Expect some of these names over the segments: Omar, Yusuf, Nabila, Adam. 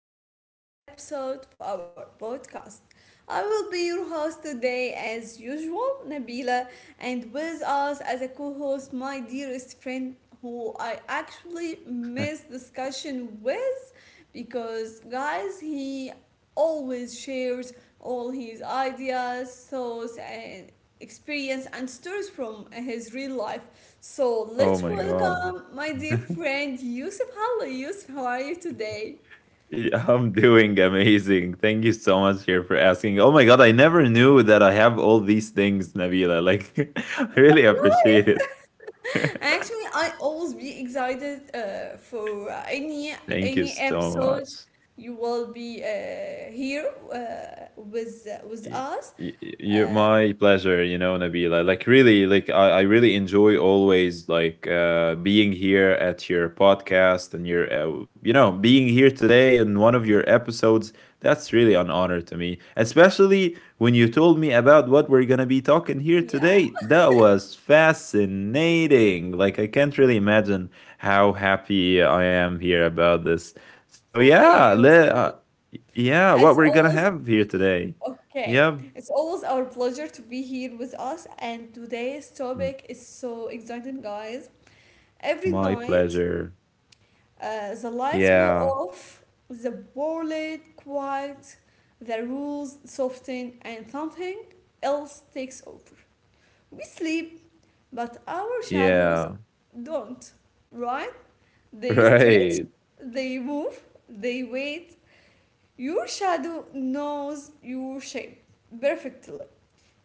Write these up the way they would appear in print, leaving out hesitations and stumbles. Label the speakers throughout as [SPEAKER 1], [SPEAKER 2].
[SPEAKER 1] back to a new episode of our podcast. I will be your host today, as usual, Nabila, and with us as a co host, my dearest friend who I actually miss discussion with because, guys, he always shares all his ideas, thoughts, and experience and stories from his real life so let's
[SPEAKER 2] Oh my god.
[SPEAKER 1] welcome my dear friend Yusuf. Hello, Yusuf. How are you today?
[SPEAKER 2] I'm doing amazing. Thank you so much here for asking. Oh my god, I never knew that I have all these things, Nabila. Like I really appreciate
[SPEAKER 1] Right.
[SPEAKER 2] it.
[SPEAKER 1] Actually, I always be excited for
[SPEAKER 2] Thank you
[SPEAKER 1] any
[SPEAKER 2] so much.
[SPEAKER 1] episode you will be here with
[SPEAKER 2] Y-
[SPEAKER 1] us.
[SPEAKER 2] you,
[SPEAKER 1] Uh,
[SPEAKER 2] my pleasure, you know, Nabila. Like really, like I really enjoy always like being here at your podcast and your, you know, being here today in one of your episodes. That's really an honor to me, especially when you told me about what we're gonna be talking here
[SPEAKER 1] yeah,
[SPEAKER 2] today. That was fascinating. Like I can't really imagine how happy I am here about this. So
[SPEAKER 1] thank you,
[SPEAKER 2] yeah,
[SPEAKER 1] Yusuf. It's
[SPEAKER 2] what we're
[SPEAKER 1] always
[SPEAKER 2] gonna have here today.
[SPEAKER 1] okay.
[SPEAKER 2] Yeah,
[SPEAKER 1] It's always our pleasure to be here with us, and today's topic
[SPEAKER 2] m-
[SPEAKER 1] is so exciting, guys. Every
[SPEAKER 2] my
[SPEAKER 1] night
[SPEAKER 2] pleasure.
[SPEAKER 1] The lights go
[SPEAKER 2] Yeah,
[SPEAKER 1] off, the wallet quiet, the rules soften, and something else takes over. We sleep, but our shadows
[SPEAKER 2] yeah.
[SPEAKER 1] don't, right? They stretch,
[SPEAKER 2] Right,
[SPEAKER 1] they move, they wait. Your shadow knows your shape perfectly.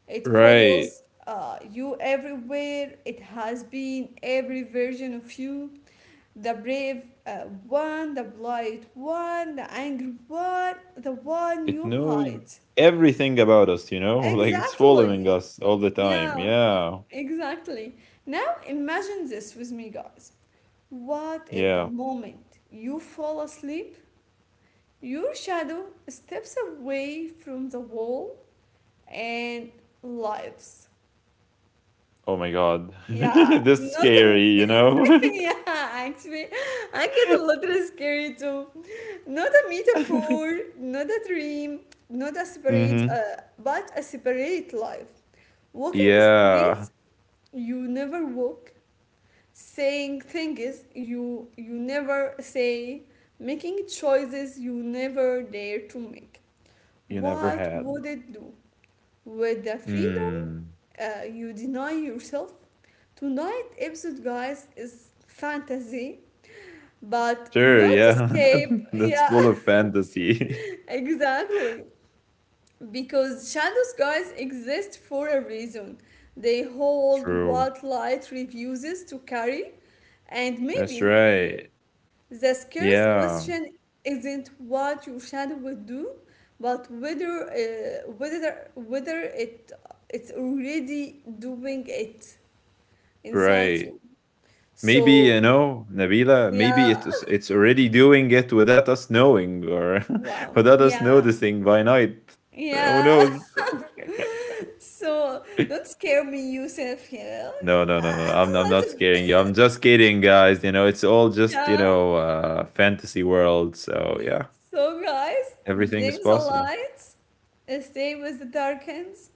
[SPEAKER 1] It
[SPEAKER 2] right.
[SPEAKER 1] follows you everywhere, it has been every version of you the brave one, the polite one, the angry one, the one
[SPEAKER 2] It
[SPEAKER 1] you
[SPEAKER 2] knows
[SPEAKER 1] hide.
[SPEAKER 2] everything about us, you know? Like it's following
[SPEAKER 1] Exactly.
[SPEAKER 2] us all the time.
[SPEAKER 1] Yeah,
[SPEAKER 2] Yeah,
[SPEAKER 1] exactly. Now imagine this with me, guys. What if the
[SPEAKER 2] yeah.
[SPEAKER 1] moment you fall asleep, your shadow steps away from the wall and lives?
[SPEAKER 2] Oh my God.
[SPEAKER 1] Yeah,
[SPEAKER 2] This is
[SPEAKER 1] not a,
[SPEAKER 2] scary, you know?
[SPEAKER 1] yeah, actually, I get a little scary too. Not a metaphor, not a dream, not a separate,
[SPEAKER 2] Mm-hmm.
[SPEAKER 1] but a separate life. Walking
[SPEAKER 2] Yeah,
[SPEAKER 1] streets you never walk, saying things you never say, making choices you never dare to make.
[SPEAKER 2] you never
[SPEAKER 1] What
[SPEAKER 2] had.
[SPEAKER 1] would it do with the freedom
[SPEAKER 2] Mm.
[SPEAKER 1] you deny yourself? Tonight episode, guys, is fantasy, but
[SPEAKER 2] Sure,
[SPEAKER 1] not
[SPEAKER 2] yeah.
[SPEAKER 1] escape.
[SPEAKER 2] That's
[SPEAKER 1] Yeah,
[SPEAKER 2] full of fantasy.
[SPEAKER 1] exactly. Because shadows, guys, exist for a reason. They hold
[SPEAKER 2] True.
[SPEAKER 1] what light refuses to carry, and
[SPEAKER 2] That's
[SPEAKER 1] maybe
[SPEAKER 2] right.
[SPEAKER 1] the scariest
[SPEAKER 2] Yeah,
[SPEAKER 1] question isn't what your shadow would do, but whether it's already doing it inside
[SPEAKER 2] right.
[SPEAKER 1] you.
[SPEAKER 2] Maybe you
[SPEAKER 1] So
[SPEAKER 2] know, Nabila.
[SPEAKER 1] yeah,
[SPEAKER 2] Maybe it's already doing it without us knowing, or
[SPEAKER 1] wow.
[SPEAKER 2] without us
[SPEAKER 1] Yeah.
[SPEAKER 2] noticing by night. Who
[SPEAKER 1] Yeah.
[SPEAKER 2] knows?
[SPEAKER 1] So don't scare me, Yusuf. Yeah.
[SPEAKER 2] No, no, no, no.
[SPEAKER 1] I- I'm
[SPEAKER 2] I'm
[SPEAKER 1] a
[SPEAKER 2] not
[SPEAKER 1] little-
[SPEAKER 2] scaring you. I'm just kidding, guys. You know, it's all just
[SPEAKER 1] Yeah.
[SPEAKER 2] fantasy world. So yeah,
[SPEAKER 1] So guys,
[SPEAKER 2] everything is
[SPEAKER 1] dim the
[SPEAKER 2] possible.
[SPEAKER 1] lights, stay with the darkens,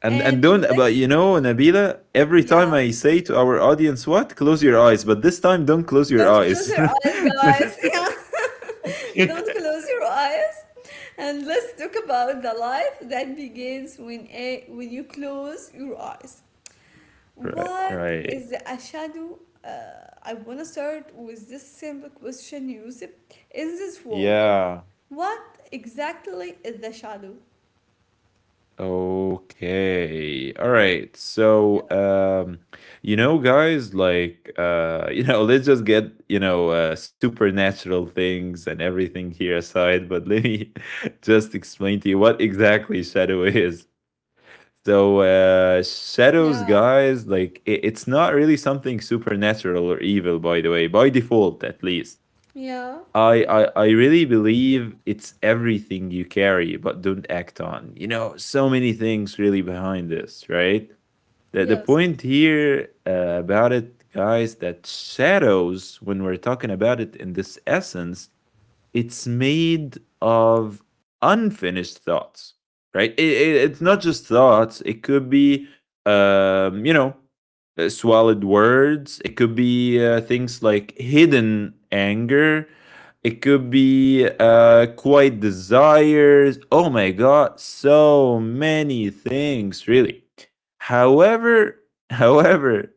[SPEAKER 2] And
[SPEAKER 1] and
[SPEAKER 2] don't but you
[SPEAKER 1] let's
[SPEAKER 2] know, Nabila. Every
[SPEAKER 1] yeah.
[SPEAKER 2] time I say to our audience, "What? Close your eyes," but this time, don't close your
[SPEAKER 1] Don't close
[SPEAKER 2] eyes.
[SPEAKER 1] your eyes, guys. Yeah. Don't close your eyes. And let's talk about the life that begins when a when you close your eyes.
[SPEAKER 2] Right,
[SPEAKER 1] What
[SPEAKER 2] right.
[SPEAKER 1] is a shadow? I want to start with this simple question, Yusuf. In this world,
[SPEAKER 2] Yeah.
[SPEAKER 1] what exactly is the shadow?
[SPEAKER 2] Okay. All right. So, you know, guys, like, you know, let's just get, you know, supernatural things and everything here aside, but let me just explain to you what exactly shadow is. So, shadows,
[SPEAKER 1] Yeah,
[SPEAKER 2] guys, like, it's not really something supernatural or evil, by the way, by default, at least.
[SPEAKER 1] yeah,
[SPEAKER 2] I really believe it's everything you carry but don't act on. You know, so many things really behind this, right? The
[SPEAKER 1] yes,
[SPEAKER 2] point here about it, guys, that shadows when we're talking about it in this essence it's made of unfinished thoughts, right? It's not just thoughts, it could be, you know, swallowed words, it could be things like hidden anger, it could be quiet desires. Oh my God, so many things, really. However, however,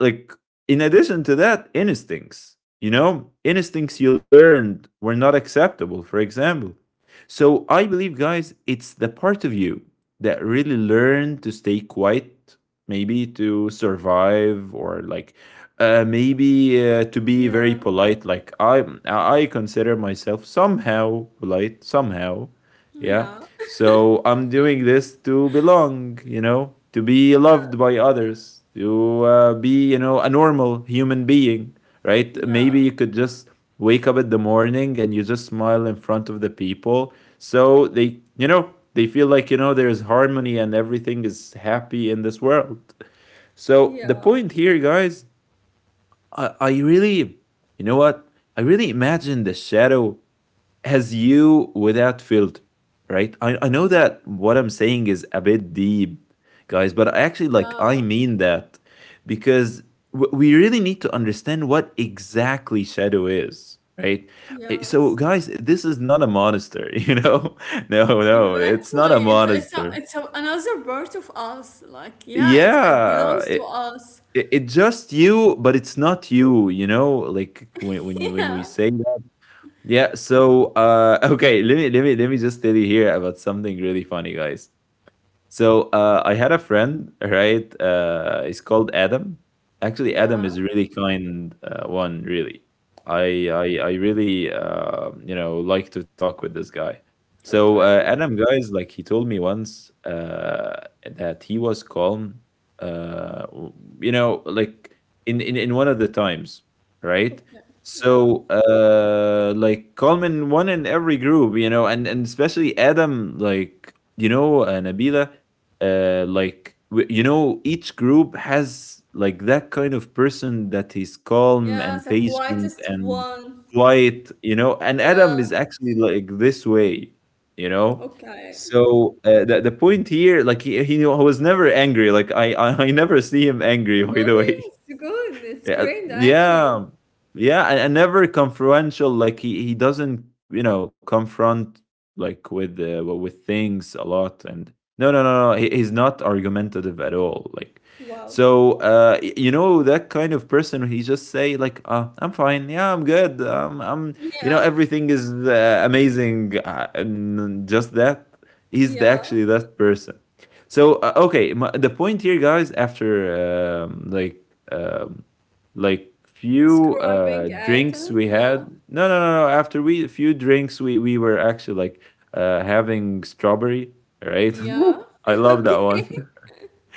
[SPEAKER 2] like in addition to that, instincts. You know, instincts you learned were not acceptable, for example. So I believe, guys, it's the part of you that really learned to stay quiet, maybe to survive, or like maybe to be very
[SPEAKER 1] yeah,
[SPEAKER 2] polite. Like I consider myself somehow polite, somehow, yeah.
[SPEAKER 1] yeah,
[SPEAKER 2] So I'm doing this to belong, you know, to be
[SPEAKER 1] yeah,
[SPEAKER 2] loved by others, to be, you know, a normal human being, right? Maybe you
[SPEAKER 1] yeah,
[SPEAKER 2] could just wake up in the morning and you just smile in front of the people. So they, you know, they feel like, you know, there's harmony and everything is happy in this world. So the
[SPEAKER 1] yeah,
[SPEAKER 2] point here, guys, I really, you know what? I really imagine the shadow as you without filter, right? I know
[SPEAKER 1] mm,
[SPEAKER 2] that what I'm saying is a bit deep, guys, but I actually like I
[SPEAKER 1] yeah,
[SPEAKER 2] mean that because we really need to understand what exactly shadow is, right? So,
[SPEAKER 1] yes.
[SPEAKER 2] guys, this is not a monster, you know? No, no, it's not
[SPEAKER 1] Exactly.
[SPEAKER 2] a
[SPEAKER 1] It's it's a,
[SPEAKER 2] monster.
[SPEAKER 1] it's a, another part of us. Like, yeah, it's, it
[SPEAKER 2] Yeah,
[SPEAKER 1] belongs to us.
[SPEAKER 2] it's just you, but it's not you, you know? Like when when you- when we
[SPEAKER 1] Yeah.
[SPEAKER 2] say yeah. So okay, let me just tell you here about something really funny, guys. So I had a friend, right? He's called Adam. Actually, Adam is
[SPEAKER 1] Yeah.
[SPEAKER 2] really kind one. Really, I really you know like to talk with this guy. So
[SPEAKER 1] Okay.
[SPEAKER 2] Adam, guys, like he told me once that he was calm. Uh, w- you know, like in one of the times, right?
[SPEAKER 1] Okay.
[SPEAKER 2] So
[SPEAKER 1] Yeah.
[SPEAKER 2] like calm in one in every group, you know, and especially Adam, like you know, Nabila, you know each group has like that kind of person that is calm
[SPEAKER 1] Yeah,
[SPEAKER 2] and
[SPEAKER 1] the
[SPEAKER 2] patient
[SPEAKER 1] quietest
[SPEAKER 2] and
[SPEAKER 1] one.
[SPEAKER 2] quiet, you know, and
[SPEAKER 1] Yeah.
[SPEAKER 2] Adam is actually like this way, you know.
[SPEAKER 1] Okay.
[SPEAKER 2] So the point here like he was never angry. Like I I never see him angry, by the way.
[SPEAKER 1] Really? It's good. It's
[SPEAKER 2] Yeah,
[SPEAKER 1] great, actually.
[SPEAKER 2] yeah, yeah. And never confrontational. Like he doesn't, you know, confront, like with with things a lot. And no, no, no, no, he's not argumentative at all, like.
[SPEAKER 1] Wow.
[SPEAKER 2] So you know that kind of person, he just say like, "I'm fine, yeah I'm good, I'm, you know,
[SPEAKER 1] Yeah.
[SPEAKER 2] everything is amazing," and just that, he's the,
[SPEAKER 1] Yeah.
[SPEAKER 2] actually that person. So
[SPEAKER 1] Okay.
[SPEAKER 2] okay, the point here, guys, after um, like um, few
[SPEAKER 1] Describing
[SPEAKER 2] drinks we
[SPEAKER 1] item.
[SPEAKER 2] had.
[SPEAKER 1] Yeah.
[SPEAKER 2] No no no no After we few drinks, we were actually like having strawberry, right?
[SPEAKER 1] Yeah.
[SPEAKER 2] I love that
[SPEAKER 1] Okay.
[SPEAKER 2] one.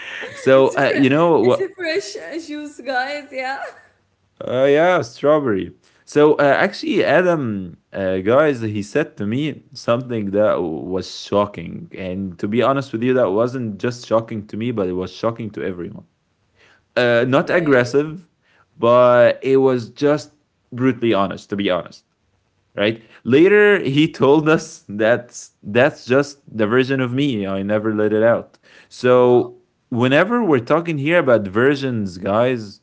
[SPEAKER 2] So
[SPEAKER 1] It's a,
[SPEAKER 2] you
[SPEAKER 1] fre-
[SPEAKER 2] know what,
[SPEAKER 1] it's a fresh juice, guys. Yeah.
[SPEAKER 2] yeah, strawberry. So actually Adam, guys, he said to me something that was shocking, and to be honest with you, that wasn't just shocking to me, but it was shocking to everyone. Not
[SPEAKER 1] Okay.
[SPEAKER 2] aggressive, but it was just brutally honest, to be honest, right? Later he told us, that's just the version of me I never let it out. So
[SPEAKER 1] Wow.
[SPEAKER 2] whenever we're talking here about versions, guys,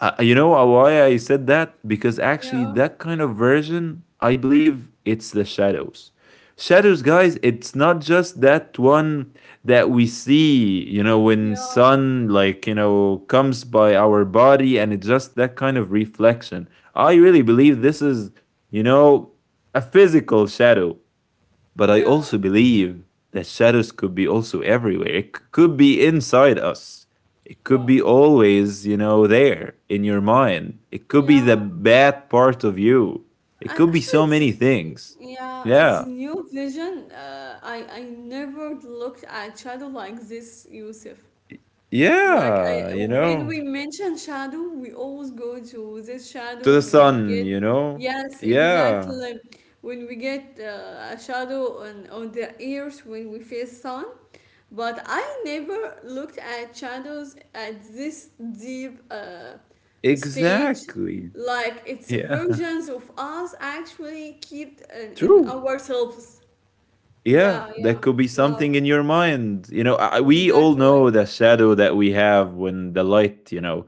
[SPEAKER 2] you know, why I said that, because actually
[SPEAKER 1] Yeah.
[SPEAKER 2] that kind of version, I believe it's the shadows. Shadows, guys, it's not just that one that we see, you know, when
[SPEAKER 1] Yeah.
[SPEAKER 2] sun like, you know, comes by our body and it's just that kind of reflection. I really believe this is, you know, a physical shadow. But I also
[SPEAKER 1] Yeah.
[SPEAKER 2] believe that shadows could be also everywhere. Could be inside us. It could be
[SPEAKER 1] Wow.
[SPEAKER 2] always, you know, there in your mind. It could be the
[SPEAKER 1] Yeah.
[SPEAKER 2] bad part of you. It could be
[SPEAKER 1] Actually,
[SPEAKER 2] so
[SPEAKER 1] it's
[SPEAKER 2] many things.
[SPEAKER 1] yeah, it's
[SPEAKER 2] Yeah.
[SPEAKER 1] new vision. I never looked at shadow like this, Yusuf. Like I,
[SPEAKER 2] Yeah, you
[SPEAKER 1] when we
[SPEAKER 2] know,
[SPEAKER 1] mention shadow, we always go to this shadow
[SPEAKER 2] to the
[SPEAKER 1] when we
[SPEAKER 2] sun,
[SPEAKER 1] get,
[SPEAKER 2] you know.
[SPEAKER 1] yes,
[SPEAKER 2] Yeah,
[SPEAKER 1] exactly. When we get a shadow on the ears when we face sun. But I never looked at shadows at this deep. Stage
[SPEAKER 2] exactly.
[SPEAKER 1] like it's
[SPEAKER 2] Yeah,
[SPEAKER 1] versions of us actually keep in
[SPEAKER 2] true.
[SPEAKER 1] ourselves,
[SPEAKER 2] Yeah,
[SPEAKER 1] yeah, yeah,
[SPEAKER 2] that could be
[SPEAKER 1] wow,
[SPEAKER 2] something in your mind, you know. We all
[SPEAKER 1] exactly,
[SPEAKER 2] know the shadow that we have when the light, you know,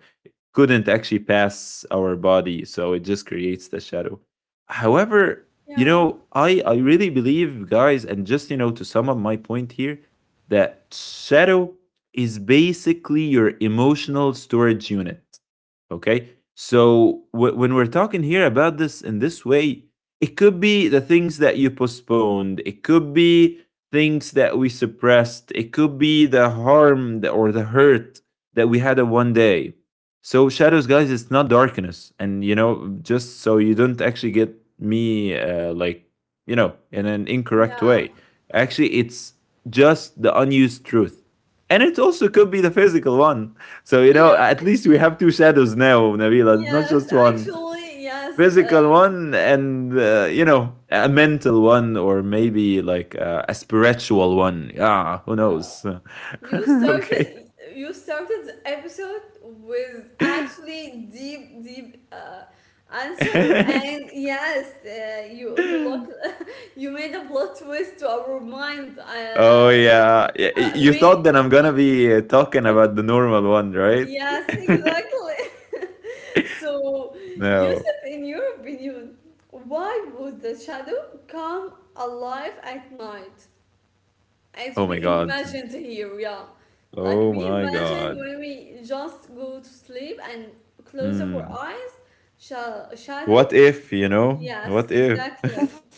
[SPEAKER 2] couldn't actually pass our body, so it just creates the shadow. However, you
[SPEAKER 1] yeah,
[SPEAKER 2] know, I really believe, guys, and just, you know, to sum up my point here, that shadow is basically your emotional storage unit. Okay. So when we're talking here about this in this way, it could be the things that you postponed. It could be things that we suppressed. It could be the harm that, or the hurt that we had on one day. So shadows, guys, it's not darkness. And you know, just so you don't actually get me like, you know, in an incorrect
[SPEAKER 1] yeah,
[SPEAKER 2] way. Actually, it's just the unused truth, and it also could be the physical one. So you know,
[SPEAKER 1] yeah,
[SPEAKER 2] at least we have two shadows now, Nabila, not
[SPEAKER 1] yes,
[SPEAKER 2] just one:
[SPEAKER 1] actually, yes,
[SPEAKER 2] physical one, and you know, a mental one, or maybe like a spiritual one. Yeah, who
[SPEAKER 1] yeah.
[SPEAKER 2] knows?
[SPEAKER 1] you
[SPEAKER 2] Okay.
[SPEAKER 1] started you started the episode with actually deep answer and yes you you look you made a plot twist to our minds,
[SPEAKER 2] Oh yeah, you thought
[SPEAKER 1] many
[SPEAKER 2] that I'm gonna be talking about the normal one, right?
[SPEAKER 1] Yes, exactly. So,
[SPEAKER 2] No.
[SPEAKER 1] Yusuf, in your opinion, why would the shadow come alive at night? As
[SPEAKER 2] Oh
[SPEAKER 1] we
[SPEAKER 2] my god.
[SPEAKER 1] imagined here, yeah. Like
[SPEAKER 2] Oh
[SPEAKER 1] we
[SPEAKER 2] my
[SPEAKER 1] imagine
[SPEAKER 2] god.
[SPEAKER 1] when we just go to sleep and close our
[SPEAKER 2] Hmm.
[SPEAKER 1] eyes,
[SPEAKER 2] What
[SPEAKER 1] shadow.
[SPEAKER 2] if, you know?
[SPEAKER 1] Yes,
[SPEAKER 2] What if?
[SPEAKER 1] exactly.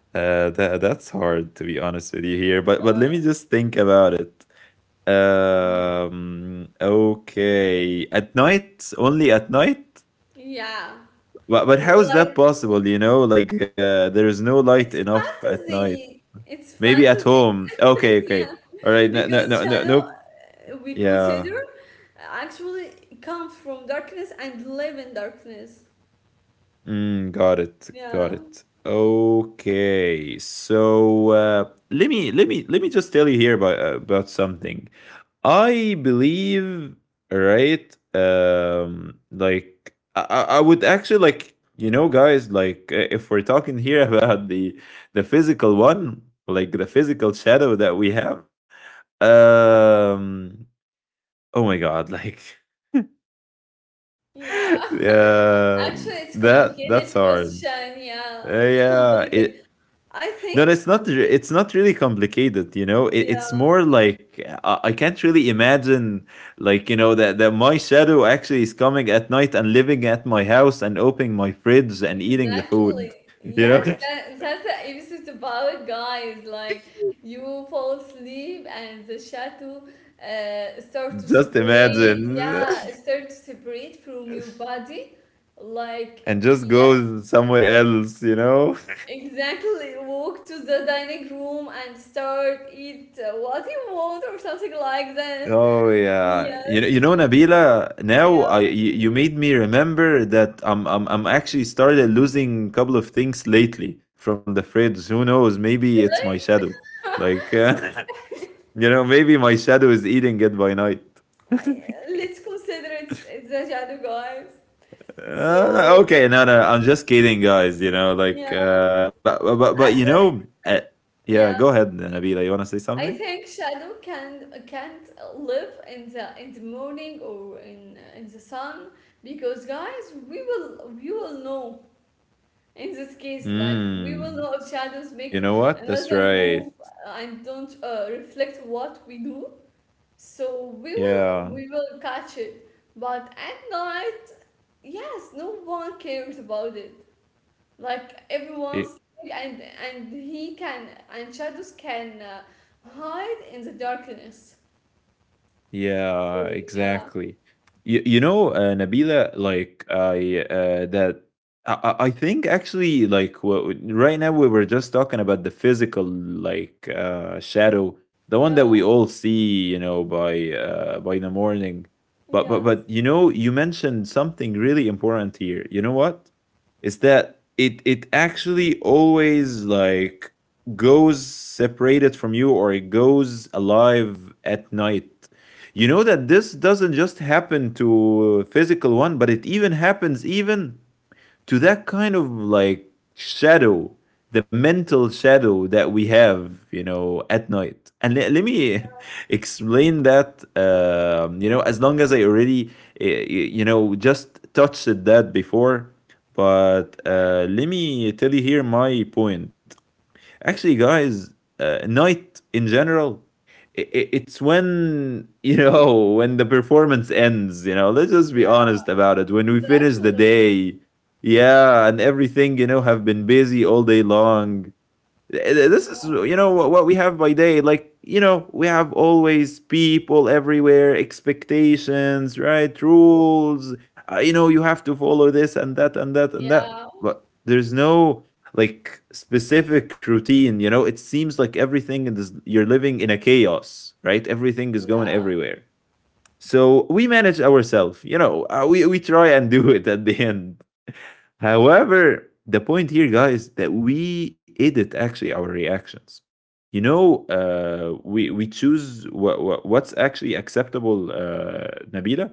[SPEAKER 2] That that's hard, to be honest with you here, but let
[SPEAKER 1] Okay.
[SPEAKER 2] me just think about it.
[SPEAKER 1] Mm.
[SPEAKER 2] Okay, at night, only at night.
[SPEAKER 1] Yeah.
[SPEAKER 2] But how is that
[SPEAKER 1] Like
[SPEAKER 2] possible? You know, like there is no light
[SPEAKER 1] it's
[SPEAKER 2] enough at night.
[SPEAKER 1] fantasy. It's
[SPEAKER 2] Maybe at
[SPEAKER 1] fantasy.
[SPEAKER 2] home. Okay,
[SPEAKER 1] yeah.
[SPEAKER 2] okay, all right. No, no,
[SPEAKER 1] Because
[SPEAKER 2] no, no,
[SPEAKER 1] shadow
[SPEAKER 2] nope.
[SPEAKER 1] we
[SPEAKER 2] Yeah.
[SPEAKER 1] consider actually come from darkness and live in darkness.
[SPEAKER 2] Mm, got it. Got
[SPEAKER 1] Yeah.
[SPEAKER 2] it. Okay. So let me just tell you here about something. I believe, right? Like I would actually like, you know, guys, like if we're talking here about the physical one, like the physical shadow that we have. Um, oh my god, like,
[SPEAKER 1] Yeah.
[SPEAKER 2] yeah,
[SPEAKER 1] Actually, it's
[SPEAKER 2] that's
[SPEAKER 1] complicated
[SPEAKER 2] hard.
[SPEAKER 1] question. Yeah, it's
[SPEAKER 2] Yeah, it
[SPEAKER 1] complicated. I
[SPEAKER 2] No, it's
[SPEAKER 1] think.
[SPEAKER 2] not. It's not really complicated, you know. It, it's more
[SPEAKER 1] Yeah.
[SPEAKER 2] like I can't really imagine, like you know, that my shadow actually is coming at night and living at my house and opening my fridge and eating the food.
[SPEAKER 1] Exactly.
[SPEAKER 2] You know,
[SPEAKER 1] Yes, that, that's the episode about guys. Like you fall asleep and the shadow start to
[SPEAKER 2] just
[SPEAKER 1] separate.
[SPEAKER 2] imagine,
[SPEAKER 1] Yeah, start to separate from your body. Like
[SPEAKER 2] and just
[SPEAKER 1] yes,
[SPEAKER 2] go somewhere else, you know.
[SPEAKER 1] exactly. Walk to the dining room and start eat what you want or something like that.
[SPEAKER 2] Oh yeah, you
[SPEAKER 1] Yes.
[SPEAKER 2] know, Nabila. Now
[SPEAKER 1] Yeah.
[SPEAKER 2] you made me remember that I'm actually started losing a couple of things lately from the fridge. Who knows? Maybe it's my shadow.
[SPEAKER 1] Like,
[SPEAKER 2] Like
[SPEAKER 1] okay.
[SPEAKER 2] you know, maybe my shadow is eating it by night.
[SPEAKER 1] Let's consider it's a shadow, guys. So
[SPEAKER 2] Okay, no, no, I'm just kidding, guys. You know,
[SPEAKER 1] yeah,
[SPEAKER 2] like, but, you
[SPEAKER 1] actually,
[SPEAKER 2] know,
[SPEAKER 1] yeah.
[SPEAKER 2] yeah. Go ahead, Nabila. You want to say
[SPEAKER 1] I
[SPEAKER 2] something?
[SPEAKER 1] think shadow can can't live in the morning or in the sun because guys, we will know in this case, like we will
[SPEAKER 2] Mm,
[SPEAKER 1] know if shadows
[SPEAKER 2] you
[SPEAKER 1] make
[SPEAKER 2] know what? That's
[SPEAKER 1] another
[SPEAKER 2] right.
[SPEAKER 1] move and don't reflect what we do, so we will we
[SPEAKER 2] Yeah.
[SPEAKER 1] will catch it. But at night, yes, no one cares about it. Like
[SPEAKER 2] Y-
[SPEAKER 1] everyone's and he can and shadows can hide in the darkness.
[SPEAKER 2] Yeah,
[SPEAKER 1] So yeah,
[SPEAKER 2] exactly. You know, Nabila, like I that I, I think actually right now we were just talking about the physical shadow, the one
[SPEAKER 1] yeah,
[SPEAKER 2] that we all see, you know, by the morning. But
[SPEAKER 1] yes,
[SPEAKER 2] you know, you mentioned something really important here. You know what? Is that it? It actually always like goes separated from you or it goes alive at night, you know, that this doesn't just happen to physical one, but it even happens even to that kind of like shadow, the mental shadow that we have, you know, at night. And let me explain that, you know, as long as I already, you know, just touched that before, but
[SPEAKER 1] right,
[SPEAKER 2] let me tell you here my point. Actually, guys, night in general, it's when, you know, when the performance ends, you know, let's just be
[SPEAKER 1] yeah,
[SPEAKER 2] honest about it. When we finish the
[SPEAKER 1] exactly,
[SPEAKER 2] day, yeah, and everything, you know, have been busy all day long. This is,
[SPEAKER 1] yeah,
[SPEAKER 2] you know, what we have by day. Like, you know, we have always people everywhere, expectations, right, rules. You know, you have to follow this and that and that and that,
[SPEAKER 1] yeah,
[SPEAKER 2] but there's no like specific routine. You know, it seems like everything is, you're living in a chaos, right? Everything is going
[SPEAKER 1] yeah,
[SPEAKER 2] everywhere, so we manage ourselves, you know. We try and do it at the end. However, the point here, guys, that we edit actually our reactions. You know, we choose what's actually acceptable, Nabila.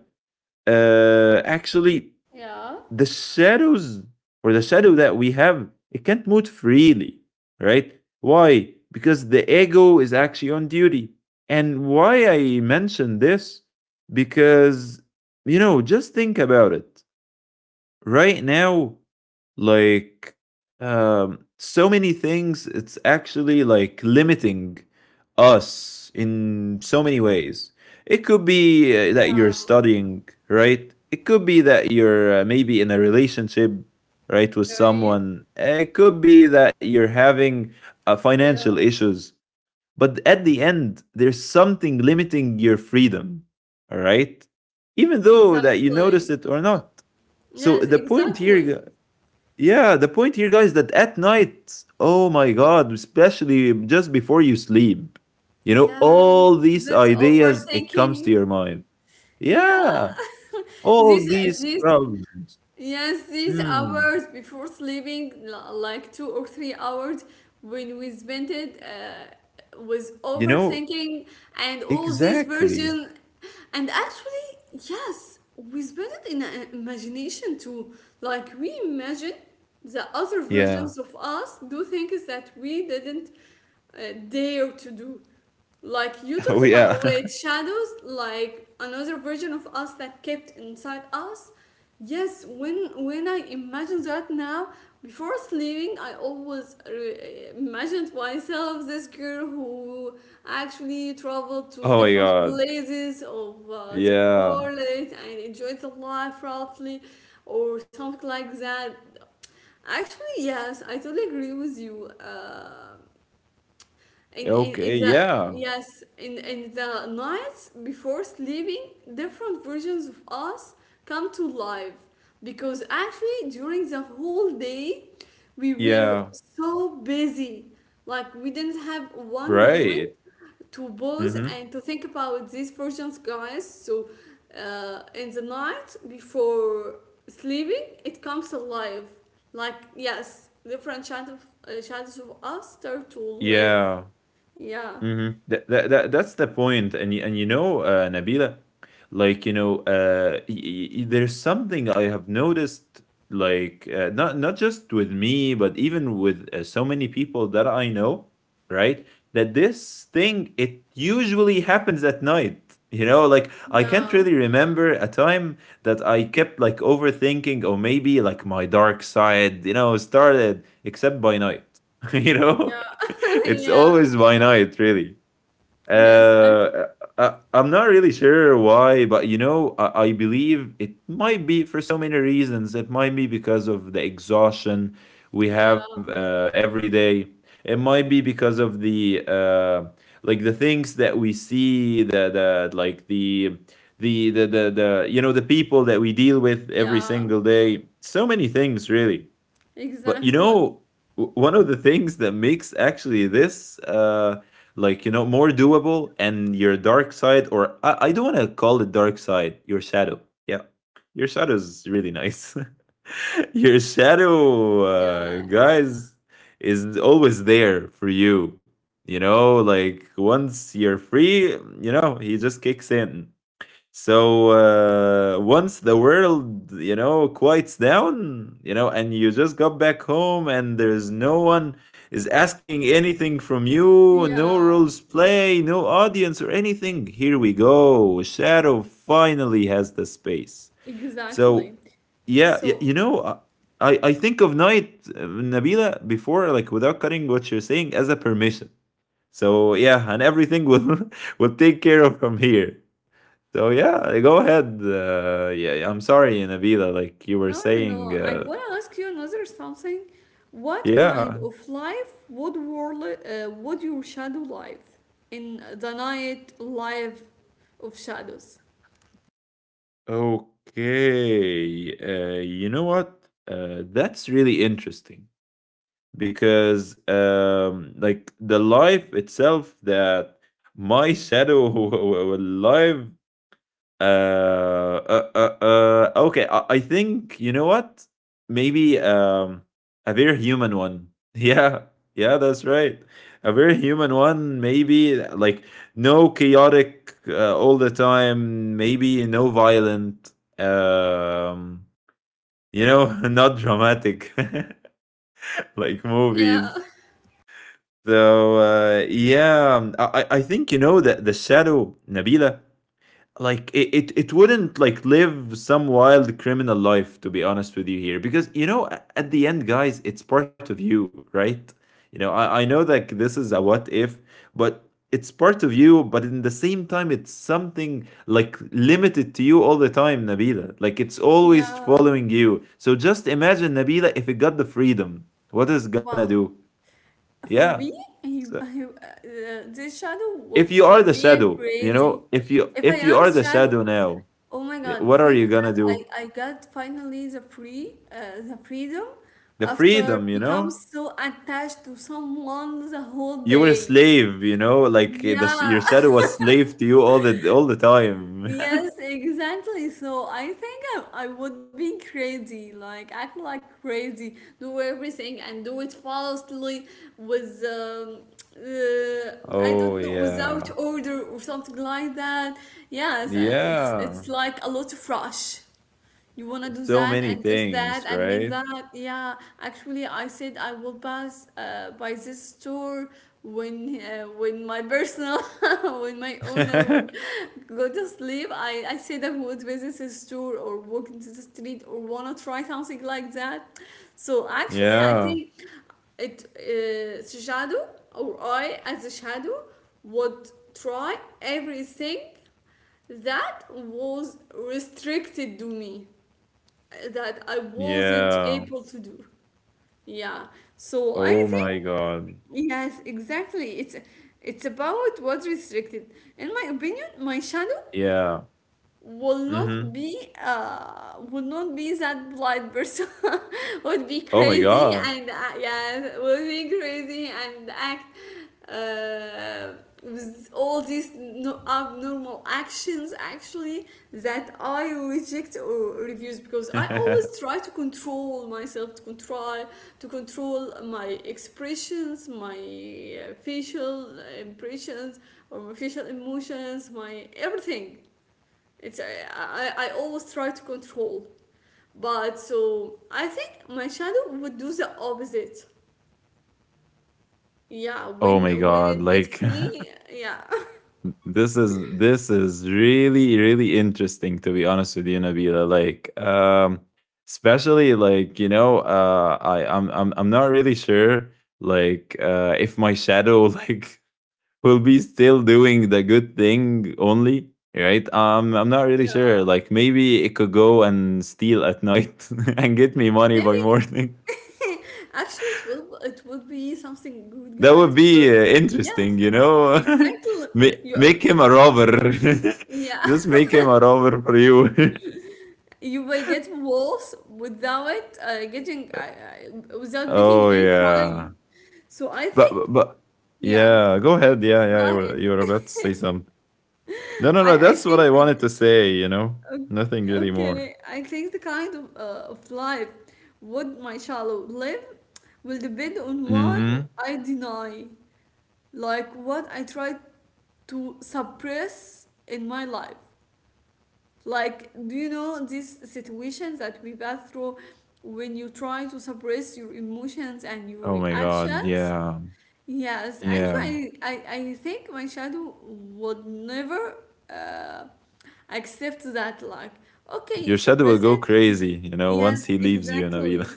[SPEAKER 2] Actually,
[SPEAKER 1] yeah.
[SPEAKER 2] the shadows or the shadow that we have, it can't move freely, right? Why? Because the ego is actually on duty. And why I mention this? Because you know, just think about it. Right now, like so many things it's actually like limiting us in so many ways. It could be that you're studying, right? It could be that you're maybe in a relationship, right, with
[SPEAKER 1] Right?
[SPEAKER 2] someone. It could be that you're having financial
[SPEAKER 1] Yeah,
[SPEAKER 2] issues, but at the end there's something limiting your freedom, all right, even though that you notice
[SPEAKER 1] exactly.
[SPEAKER 2] it or not. So
[SPEAKER 1] Yes,
[SPEAKER 2] the point
[SPEAKER 1] exactly.
[SPEAKER 2] here, yeah, the point here, guys, that at night, oh my god, especially just before you sleep, you know,
[SPEAKER 1] Yes,
[SPEAKER 2] all these
[SPEAKER 1] this
[SPEAKER 2] ideas, it comes to
[SPEAKER 1] overthinking.
[SPEAKER 2] your mind.
[SPEAKER 1] Yeah,
[SPEAKER 2] Yeah, all
[SPEAKER 1] these
[SPEAKER 2] these
[SPEAKER 1] these
[SPEAKER 2] problems.
[SPEAKER 1] yes these
[SPEAKER 2] Hmm.
[SPEAKER 1] hours before sleeping, like 2 or 3 hours when we spent it was
[SPEAKER 2] You know,
[SPEAKER 1] overthinking and all these
[SPEAKER 2] exactly.
[SPEAKER 1] version and actually, yes, we spend it in our imagination too. Like we imagine the other versions
[SPEAKER 2] Yeah.
[SPEAKER 1] of us do things that we didn't dare to do. Like you talked
[SPEAKER 2] Oh,
[SPEAKER 1] about
[SPEAKER 2] yeah.
[SPEAKER 1] with shadows, like another version of us that kept inside us. Yes, when I imagine that now, before sleeping, I always imagined myself this girl who actually traveled to
[SPEAKER 2] Oh my
[SPEAKER 1] different
[SPEAKER 2] god.
[SPEAKER 1] places of the
[SPEAKER 2] Yeah.
[SPEAKER 1] world and enjoyed the life roughly, or something like that. Actually, yes, I totally agree with you. In
[SPEAKER 2] Okay.
[SPEAKER 1] the
[SPEAKER 2] Yeah.
[SPEAKER 1] yes in the nights before sleeping different versions of us come to life because actually during the whole day we were
[SPEAKER 2] Yeah.
[SPEAKER 1] so busy like we didn't have one moment
[SPEAKER 2] Right.
[SPEAKER 1] to pause
[SPEAKER 2] Mm-hmm.
[SPEAKER 1] and to think about these versions guys so in the night before sleeping it comes alive like yes different shadows, shadows of us start to live
[SPEAKER 2] Yeah.
[SPEAKER 1] yeah,
[SPEAKER 2] Mm-hmm. That's the point, and and you know, Nabila, like you know, there's something I have noticed, like not not just with me, but even with so many people that I know, right? That this thing it usually happens at night. You know, like I can't
[SPEAKER 1] yeah,
[SPEAKER 2] really remember a time that I kept like overthinking, or maybe like my dark side, you know, started except by night. You know
[SPEAKER 1] yeah,
[SPEAKER 2] it's
[SPEAKER 1] yeah.
[SPEAKER 2] always by night, really.
[SPEAKER 1] Yes, I'm,
[SPEAKER 2] Uh, I'm not really sure why, but you know, I believe it might be for so many reasons. It might be because of the exhaustion we
[SPEAKER 1] yeah,
[SPEAKER 2] have every day. It might be because of the like the things that we see, the like the you know the people that we deal with every
[SPEAKER 1] yeah,
[SPEAKER 2] single day. So many things, really. But you
[SPEAKER 1] exactly.
[SPEAKER 2] know, one of the things that makes actually this like you know more doable and your dark side, or I don't want to call it dark side, your shadow. Yeah, your shadow is really nice. Your shadow,
[SPEAKER 1] Yeah,
[SPEAKER 2] guys, is always there for you. You know, like once you're free, you know he just kicks in. So once the world, you know, quiets down, you know, and you just got back home and there's no one is asking anything from you, no
[SPEAKER 1] yeah,
[SPEAKER 2] rules play, no audience or anything, here we go. Shadow finally has the space. So,
[SPEAKER 1] exactly.
[SPEAKER 2] yeah,
[SPEAKER 1] So,
[SPEAKER 2] you know, I think of Night, Nabila, before, like without cutting what you're saying, as a permission. So, yeah, and everything will, will take care of from here. So yeah, go ahead. Yeah, I'm sorry, Nabila. Like you were
[SPEAKER 1] no, no,
[SPEAKER 2] saying,
[SPEAKER 1] no. I want to ask you another something. What kind
[SPEAKER 2] yeah.
[SPEAKER 1] of life would your shadow life in the night life of shadows?
[SPEAKER 2] Okay. You know what? That's really interesting because, like the life itself that my shadow will live. Uh, okay. I think you know what? Maybe a very human one. Yeah, yeah, that's right. A very human one. Maybe like no chaotic all the time. Maybe no violent. Um, you know, not dramatic like
[SPEAKER 1] Yeah,
[SPEAKER 2] movies. So yeah, I think you know that the shadow, Nabila, like it wouldn't like live some wild criminal life, to be honest with you here, because you know at the end, guys, it's part of you, right? You know I know that this is a what if, but it's part of you, but in the same time it's something like limited to you all the time, Nabila, like it's always
[SPEAKER 1] yeah.
[SPEAKER 2] following you. So just imagine, Nabila, if it got the freedom, what is it gonna do?
[SPEAKER 1] Wow.
[SPEAKER 2] Yeah,
[SPEAKER 1] For me,
[SPEAKER 2] so
[SPEAKER 1] this shadow
[SPEAKER 2] if you are the
[SPEAKER 1] would be a
[SPEAKER 2] shadow, you know,
[SPEAKER 1] crazy. If I
[SPEAKER 2] if you
[SPEAKER 1] am
[SPEAKER 2] are
[SPEAKER 1] the
[SPEAKER 2] the
[SPEAKER 1] shadow,
[SPEAKER 2] shadow now,
[SPEAKER 1] oh my
[SPEAKER 2] eh,
[SPEAKER 1] God,
[SPEAKER 2] what are
[SPEAKER 1] thank
[SPEAKER 2] you gonna
[SPEAKER 1] God
[SPEAKER 2] do?
[SPEAKER 1] I got finally the freedom
[SPEAKER 2] The
[SPEAKER 1] after
[SPEAKER 2] freedom, you
[SPEAKER 1] become
[SPEAKER 2] know.
[SPEAKER 1] so attached to someone the whole
[SPEAKER 2] You were a
[SPEAKER 1] day.
[SPEAKER 2] slave, you know. Like eh,
[SPEAKER 1] Yeah,
[SPEAKER 2] your shadow was slave to you all the time.
[SPEAKER 1] yes, exactly. So I think I would be crazy, like act like crazy, do everything and do it falsely with I
[SPEAKER 2] Oh
[SPEAKER 1] don't know without
[SPEAKER 2] yeah,
[SPEAKER 1] order or something like that. Yes, it's
[SPEAKER 2] yeah.
[SPEAKER 1] like a lot of rush. You wanna do
[SPEAKER 2] So
[SPEAKER 1] that
[SPEAKER 2] many
[SPEAKER 1] and just that
[SPEAKER 2] things,
[SPEAKER 1] and make
[SPEAKER 2] right?
[SPEAKER 1] that. Yeah, actually, I said I will pass by this store when my personal when my owner will go to sleep. I say that would visit a store or walk into the street or wanna try something like that. So actually, I
[SPEAKER 2] Yeah,
[SPEAKER 1] think it shadow or I as a shadow would try everything that was restricted to me that I wasn't
[SPEAKER 2] yeah.
[SPEAKER 1] able to do. Yeah. So I
[SPEAKER 2] Oh
[SPEAKER 1] think
[SPEAKER 2] my god.
[SPEAKER 1] yes, exactly. It's about what's restricted. In my opinion, my shadow
[SPEAKER 2] Yeah.
[SPEAKER 1] will not
[SPEAKER 2] Mm-hmm.
[SPEAKER 1] be will not be that blind person would be
[SPEAKER 2] Oh my
[SPEAKER 1] crazy
[SPEAKER 2] god.
[SPEAKER 1] and yeah would be crazy and act uh, with all these abnormal actions actually that I reject or refuse because I always try to control myself to control my expressions my facial impressions or my facial emotions my everything it's I always try to control, but so I think my shadow would do the opposite. Yeah,
[SPEAKER 2] Oh my
[SPEAKER 1] when
[SPEAKER 2] god.
[SPEAKER 1] it gets
[SPEAKER 2] Like
[SPEAKER 1] free, yeah,
[SPEAKER 2] This is really really interesting, to be honest with you, Nabila. Like, especially like you know, I I'm not really sure like if my shadow like will be still doing the good thing only, right? I'm not really sure.
[SPEAKER 1] yeah,
[SPEAKER 2] Like, maybe it could go and steal at night and get me money by
[SPEAKER 1] maybe.
[SPEAKER 2] morning.
[SPEAKER 1] Actually, it will it would be something good,
[SPEAKER 2] That would
[SPEAKER 1] guys.
[SPEAKER 2] be
[SPEAKER 1] Because yes,
[SPEAKER 2] interesting, you know.
[SPEAKER 1] exactly.
[SPEAKER 2] Make
[SPEAKER 1] You
[SPEAKER 2] him a robber.
[SPEAKER 1] yeah,
[SPEAKER 2] Just make him a robber for you.
[SPEAKER 1] you will get worse without getting without making any
[SPEAKER 2] Oh
[SPEAKER 1] crime.
[SPEAKER 2] yeah,
[SPEAKER 1] So I
[SPEAKER 2] but
[SPEAKER 1] think
[SPEAKER 2] but but-
[SPEAKER 1] yeah.
[SPEAKER 2] yeah. Go ahead.
[SPEAKER 1] Go
[SPEAKER 2] Yeah, yeah. You were about to
[SPEAKER 1] ahead.
[SPEAKER 2] say something. No, no,
[SPEAKER 1] I
[SPEAKER 2] no. That's
[SPEAKER 1] think
[SPEAKER 2] what I
[SPEAKER 1] it,
[SPEAKER 2] wanted to say. You know, nothing really
[SPEAKER 1] okay.
[SPEAKER 2] more.
[SPEAKER 1] I think the kind of life would my child live will depend on what
[SPEAKER 2] Mm-hmm.
[SPEAKER 1] I deny, like what I try to suppress in my life. Like do you know these situations that we pass through when you try to suppress your emotions and your
[SPEAKER 2] Oh my god.
[SPEAKER 1] reactions?
[SPEAKER 2] Yeah.
[SPEAKER 1] Yes,
[SPEAKER 2] Yeah.
[SPEAKER 1] actually, I think my shadow would never. Uh, accept that like okay you
[SPEAKER 2] Your shadow will
[SPEAKER 1] suppress
[SPEAKER 2] go crazy.
[SPEAKER 1] it
[SPEAKER 2] You know,
[SPEAKER 1] yes
[SPEAKER 2] once he leaves you, Nabila.
[SPEAKER 1] exactly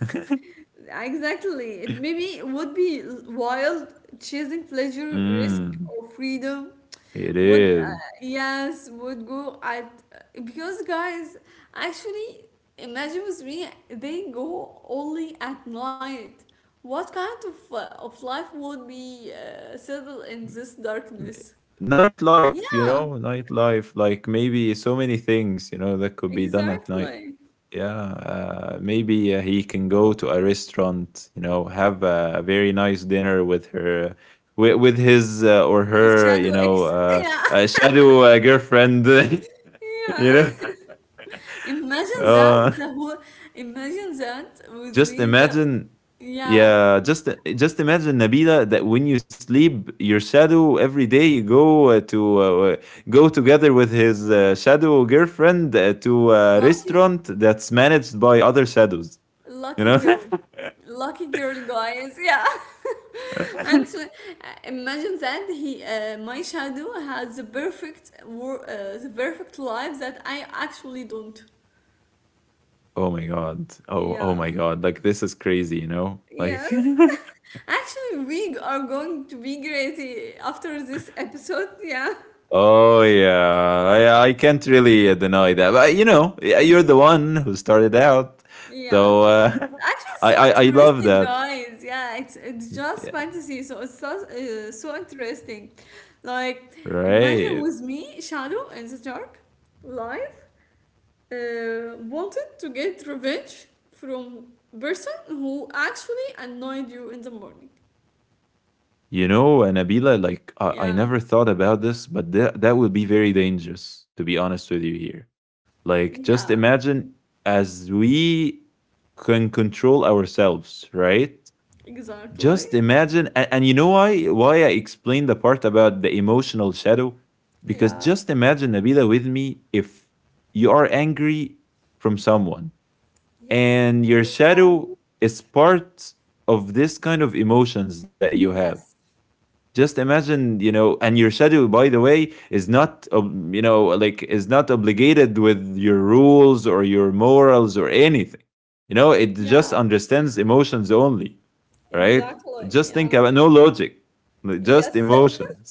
[SPEAKER 1] exactly it maybe would be wild chasing pleasure risk
[SPEAKER 2] Mm,
[SPEAKER 1] or freedom
[SPEAKER 2] it
[SPEAKER 1] would
[SPEAKER 2] is.
[SPEAKER 1] yes would go at because guys actually imagine with me they go only at night what kind of life would be settled in this
[SPEAKER 2] m-
[SPEAKER 1] darkness
[SPEAKER 2] Nightlife,
[SPEAKER 1] yeah
[SPEAKER 2] you know, nightlife, like maybe so many things, you know, that could be done at night.
[SPEAKER 1] exactly
[SPEAKER 2] Yeah, maybe he can go to a restaurant, you know, have a very nice dinner with her, with his or
[SPEAKER 1] Shadow
[SPEAKER 2] her, you
[SPEAKER 1] ex
[SPEAKER 2] know,
[SPEAKER 1] yeah
[SPEAKER 2] shadow girlfriend,
[SPEAKER 1] Yeah.
[SPEAKER 2] you know.
[SPEAKER 1] Imagine that
[SPEAKER 2] Uh,
[SPEAKER 1] the whole imagine that with
[SPEAKER 2] Just
[SPEAKER 1] me the
[SPEAKER 2] imagine,
[SPEAKER 1] yeah
[SPEAKER 2] yeah, just imagine, Nabila, that when you sleep, your shadow every day you go to uh, go together with his shadow girlfriend to a
[SPEAKER 1] lucky
[SPEAKER 2] restaurant that's managed by other shadows. You
[SPEAKER 1] lucky
[SPEAKER 2] know?
[SPEAKER 1] girl lucky girl guys yeah actually imagine that he my shadow has the perfect the perfect life that I actually don't
[SPEAKER 2] Oh my god. Oh
[SPEAKER 1] yeah
[SPEAKER 2] my god. Like this is crazy. You know? Like.
[SPEAKER 1] yes actually we are going to be crazy after this episode yeah
[SPEAKER 2] Oh yeah, I can't really deny that. But you know, you're the one who started out, so
[SPEAKER 1] yes actually,
[SPEAKER 2] I,
[SPEAKER 1] so
[SPEAKER 2] I I love
[SPEAKER 1] interesting, guys. Yeah, it's just
[SPEAKER 2] that.
[SPEAKER 1] fantasy, so it's so so interesting. Like, imagine
[SPEAKER 2] Right.
[SPEAKER 1] with me, Shadow in the dark, live, wanted to get revenge from person who actually annoyed you in the morning.
[SPEAKER 2] You know, and Nabila, like I
[SPEAKER 1] Yeah,
[SPEAKER 2] never thought about this, but that that will be very dangerous, to be honest with you here. Like just
[SPEAKER 1] yeah,
[SPEAKER 2] imagine as we can control ourselves, right?
[SPEAKER 1] exactly.
[SPEAKER 2] Just imagine, and you know why I explained the part about the emotional shadow? Because
[SPEAKER 1] Yeah,
[SPEAKER 2] just imagine, Nabila, with me, if you are angry from someone,
[SPEAKER 1] yes, and
[SPEAKER 2] and your
[SPEAKER 1] your
[SPEAKER 2] shadow
[SPEAKER 1] value.
[SPEAKER 2] is part of this kind of emotions that you have,
[SPEAKER 1] Yes,
[SPEAKER 2] just imagine, you know, and your shadow, by the way, is not you know like is not obligated with your rules or your morals or anything. You know it just
[SPEAKER 1] yeah,
[SPEAKER 2] understands emotions only, right?
[SPEAKER 1] exactly.
[SPEAKER 2] Just think
[SPEAKER 1] Yeah,
[SPEAKER 2] about no logic, like, just
[SPEAKER 1] yes,
[SPEAKER 2] emotions.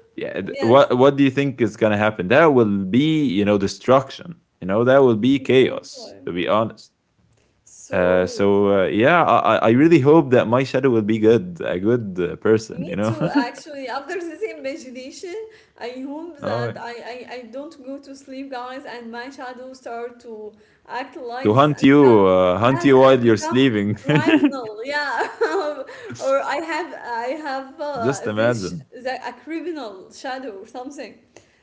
[SPEAKER 2] Yeah,
[SPEAKER 1] yes,
[SPEAKER 2] what do you think is going to happen? That will be, you know, destruction, you know, that will be chaos,
[SPEAKER 1] exactly.
[SPEAKER 2] to be honest.
[SPEAKER 1] So,
[SPEAKER 2] Yeah, I really hope that my shadow will be good, a good person, you
[SPEAKER 1] me
[SPEAKER 2] know.
[SPEAKER 1] too, actually. After this imagination, I hope that
[SPEAKER 2] Oh,
[SPEAKER 1] I don't go to sleep, guys, and my shadow start to act
[SPEAKER 2] to
[SPEAKER 1] like this and become,
[SPEAKER 2] hunt
[SPEAKER 1] yes,
[SPEAKER 2] you
[SPEAKER 1] and
[SPEAKER 2] while you're
[SPEAKER 1] become
[SPEAKER 2] sleeping.
[SPEAKER 1] criminal. Yeah. Or I have
[SPEAKER 2] Just
[SPEAKER 1] this
[SPEAKER 2] imagine.
[SPEAKER 1] the, a criminal shadow or something.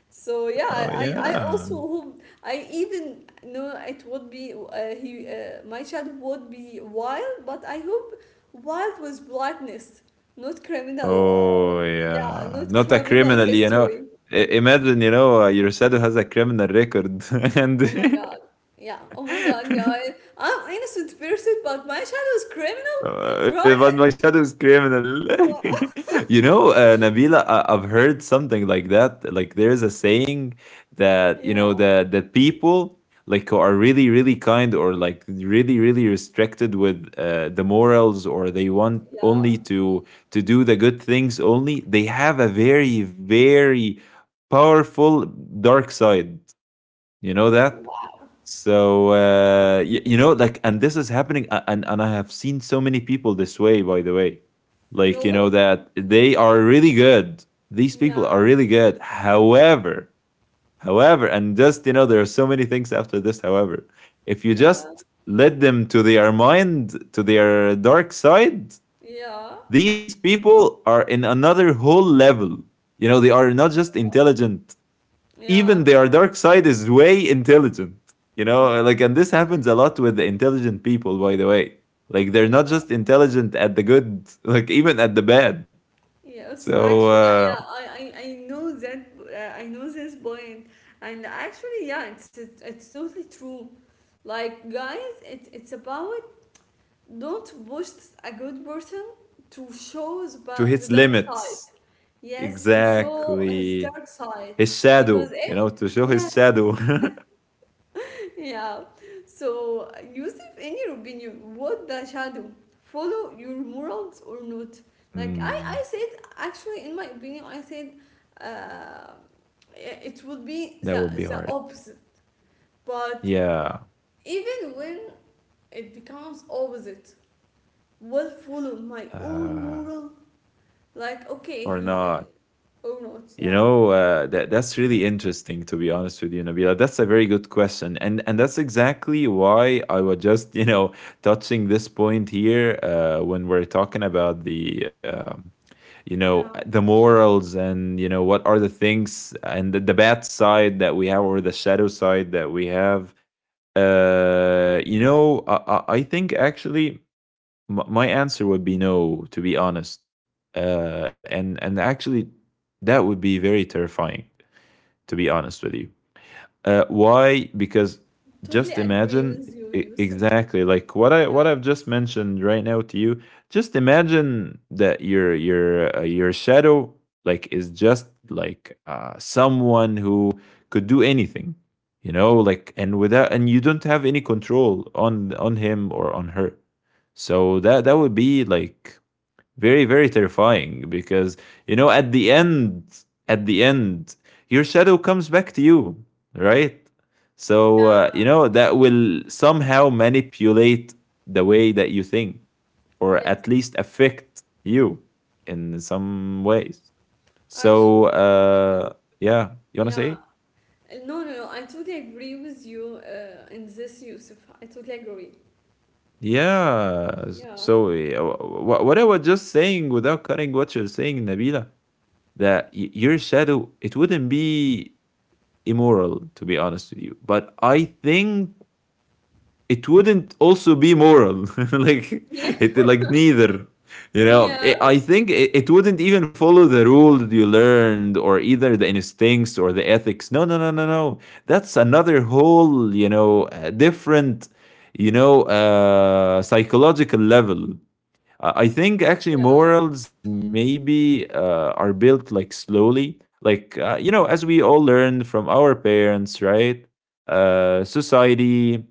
[SPEAKER 1] So yeah,
[SPEAKER 2] Oh
[SPEAKER 1] I
[SPEAKER 2] yeah.
[SPEAKER 1] also hope I even know it would be he my shadow would be wild, but I hope wild with blackness not criminal,
[SPEAKER 2] Oh
[SPEAKER 1] yeah,
[SPEAKER 2] yeah.
[SPEAKER 1] not
[SPEAKER 2] Not a
[SPEAKER 1] criminal
[SPEAKER 2] criminal, you know.
[SPEAKER 1] history.
[SPEAKER 2] I- Imagine, you know, your shadow has a criminal record, and
[SPEAKER 1] Oh my God. Yeah. Oh my God. Yeah. I, I'm innocent person, but my child was criminal,
[SPEAKER 2] But
[SPEAKER 1] right?
[SPEAKER 2] my shadow is criminal.
[SPEAKER 1] Yeah.
[SPEAKER 2] You know, Nabila, I've heard something like that. Like there's a saying that you
[SPEAKER 1] Yeah.
[SPEAKER 2] know the people like who are really really kind or like really really restricted with the morals or they want
[SPEAKER 1] Yeah.
[SPEAKER 2] only to do the good things only. They have a very very powerful dark side, you know that?
[SPEAKER 1] Wow.
[SPEAKER 2] So you know, like, and this is happening, and I have seen so many people this way. By the way, like you
[SPEAKER 1] Really?
[SPEAKER 2] know that they are really good. These people
[SPEAKER 1] Yeah.
[SPEAKER 2] are really good. However, however, and just you know, there are so many things after this. However, if you
[SPEAKER 1] Yeah.
[SPEAKER 2] just let them to their mind, to their dark side,
[SPEAKER 1] Yeah.
[SPEAKER 2] these people are in another whole level. You know, they are not just intelligent, even
[SPEAKER 1] Yeah.
[SPEAKER 2] their dark side is way intelligent, you know,
[SPEAKER 1] Wow.
[SPEAKER 2] like, and this happens a lot with the intelligent people, by the way, like they're not
[SPEAKER 1] Yeah.
[SPEAKER 2] just intelligent at the good, like even at the bad.
[SPEAKER 1] Yes.
[SPEAKER 2] So
[SPEAKER 1] Actually, yeah. I know that. I know this point, and actually, yeah. It's it's totally true. Like guys, it's about don't boost a good person to show the
[SPEAKER 2] to
[SPEAKER 1] ba- the
[SPEAKER 2] his
[SPEAKER 1] dark side.
[SPEAKER 2] limits,
[SPEAKER 1] Yes, to show his
[SPEAKER 2] exactly,
[SPEAKER 1] dark side.
[SPEAKER 2] his
[SPEAKER 1] Because
[SPEAKER 2] shadow,
[SPEAKER 1] if,
[SPEAKER 2] you know, to show his
[SPEAKER 1] yes,
[SPEAKER 2] shadow.
[SPEAKER 1] yeah. So, Yusuf, in your opinion, what the shadow? Follow your morals or not? Like, I,
[SPEAKER 2] Mm,
[SPEAKER 1] I said, actually, in my opinion, I said uh, it would be
[SPEAKER 2] that
[SPEAKER 1] the,
[SPEAKER 2] would be
[SPEAKER 1] the
[SPEAKER 2] hard,
[SPEAKER 1] opposite. But
[SPEAKER 2] yeah.
[SPEAKER 1] even when it becomes opposite, will follow my own
[SPEAKER 2] uh
[SPEAKER 1] moral. Like, okay,
[SPEAKER 2] or
[SPEAKER 1] he
[SPEAKER 2] not.
[SPEAKER 1] or not,
[SPEAKER 2] You
[SPEAKER 1] yeah.
[SPEAKER 2] know, that that's really interesting, to be honest with you, Nabila. That's a very good question, and that's exactly why I was just you know touching this point here, when we're talking about the you know,
[SPEAKER 1] Yeah,
[SPEAKER 2] the morals, and you know what are the things and the bad side that we have, or the shadow side that we have. You know, I think actually my answer would be no, to be honest. And actually that would be very terrifying, to be honest with you. Why? Because
[SPEAKER 1] totally
[SPEAKER 2] just
[SPEAKER 1] agree
[SPEAKER 2] imagine,
[SPEAKER 1] with you, Yusuf.
[SPEAKER 2] exactly like what
[SPEAKER 1] Yeah.
[SPEAKER 2] I've just mentioned right now to you. Just imagine that your shadow like is just like someone who could do anything, you know, like, and you don't have any control on him or on her. So that that would be like very very terrifying, because you know, at the end, at the end, your shadow comes back to you, right? So you
[SPEAKER 1] Yeah.
[SPEAKER 2] know, that will somehow manipulate the way that you think, or
[SPEAKER 1] Yes.
[SPEAKER 2] at least affect you in some ways.
[SPEAKER 1] Actually,
[SPEAKER 2] So yeah, you
[SPEAKER 1] yeah.
[SPEAKER 2] want to say.
[SPEAKER 1] No, no, no. I totally agree with you in this, Yusuf. I totally agree. So,
[SPEAKER 2] Yeah,
[SPEAKER 1] yeah.
[SPEAKER 2] so what I was just saying without cutting what you're saying, Nabila, that your shadow, it wouldn't be immoral, to be honest with you. But I think it wouldn't also be moral, like
[SPEAKER 1] Yeah.
[SPEAKER 2] it, like neither. You know,
[SPEAKER 1] Yeah.
[SPEAKER 2] I think it wouldn't even follow the rule that you learned, or either the instincts or the ethics. No, no, no, no, no. That's another whole, you know, different, you know, psychological level. I think actually
[SPEAKER 1] Yeah.
[SPEAKER 2] morals maybe are built like slowly, like you know, as we all learn from our parents, right? Society.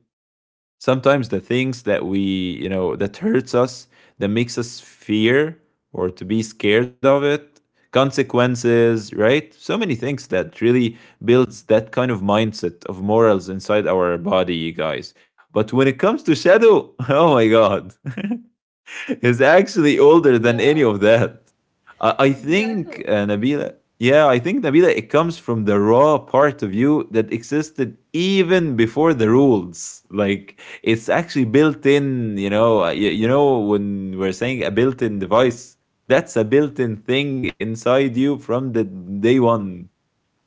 [SPEAKER 2] Sometimes the things that we, you know, that hurts us, that makes us fear or to be scared of it, consequences, right? So many things that really builds that kind of mindset of morals inside our body, you guys. But when it comes to shadow, oh my god. Is actually older
[SPEAKER 1] Yeah.
[SPEAKER 2] than any of that. I
[SPEAKER 1] Exactly.
[SPEAKER 2] think, Nabila, yeah, I think, Nabila, it comes from the raw part of you that existed even before the rules. Like, it's actually built in, you know, you know, when we're saying a built in device, that's a built in thing inside you from the day one.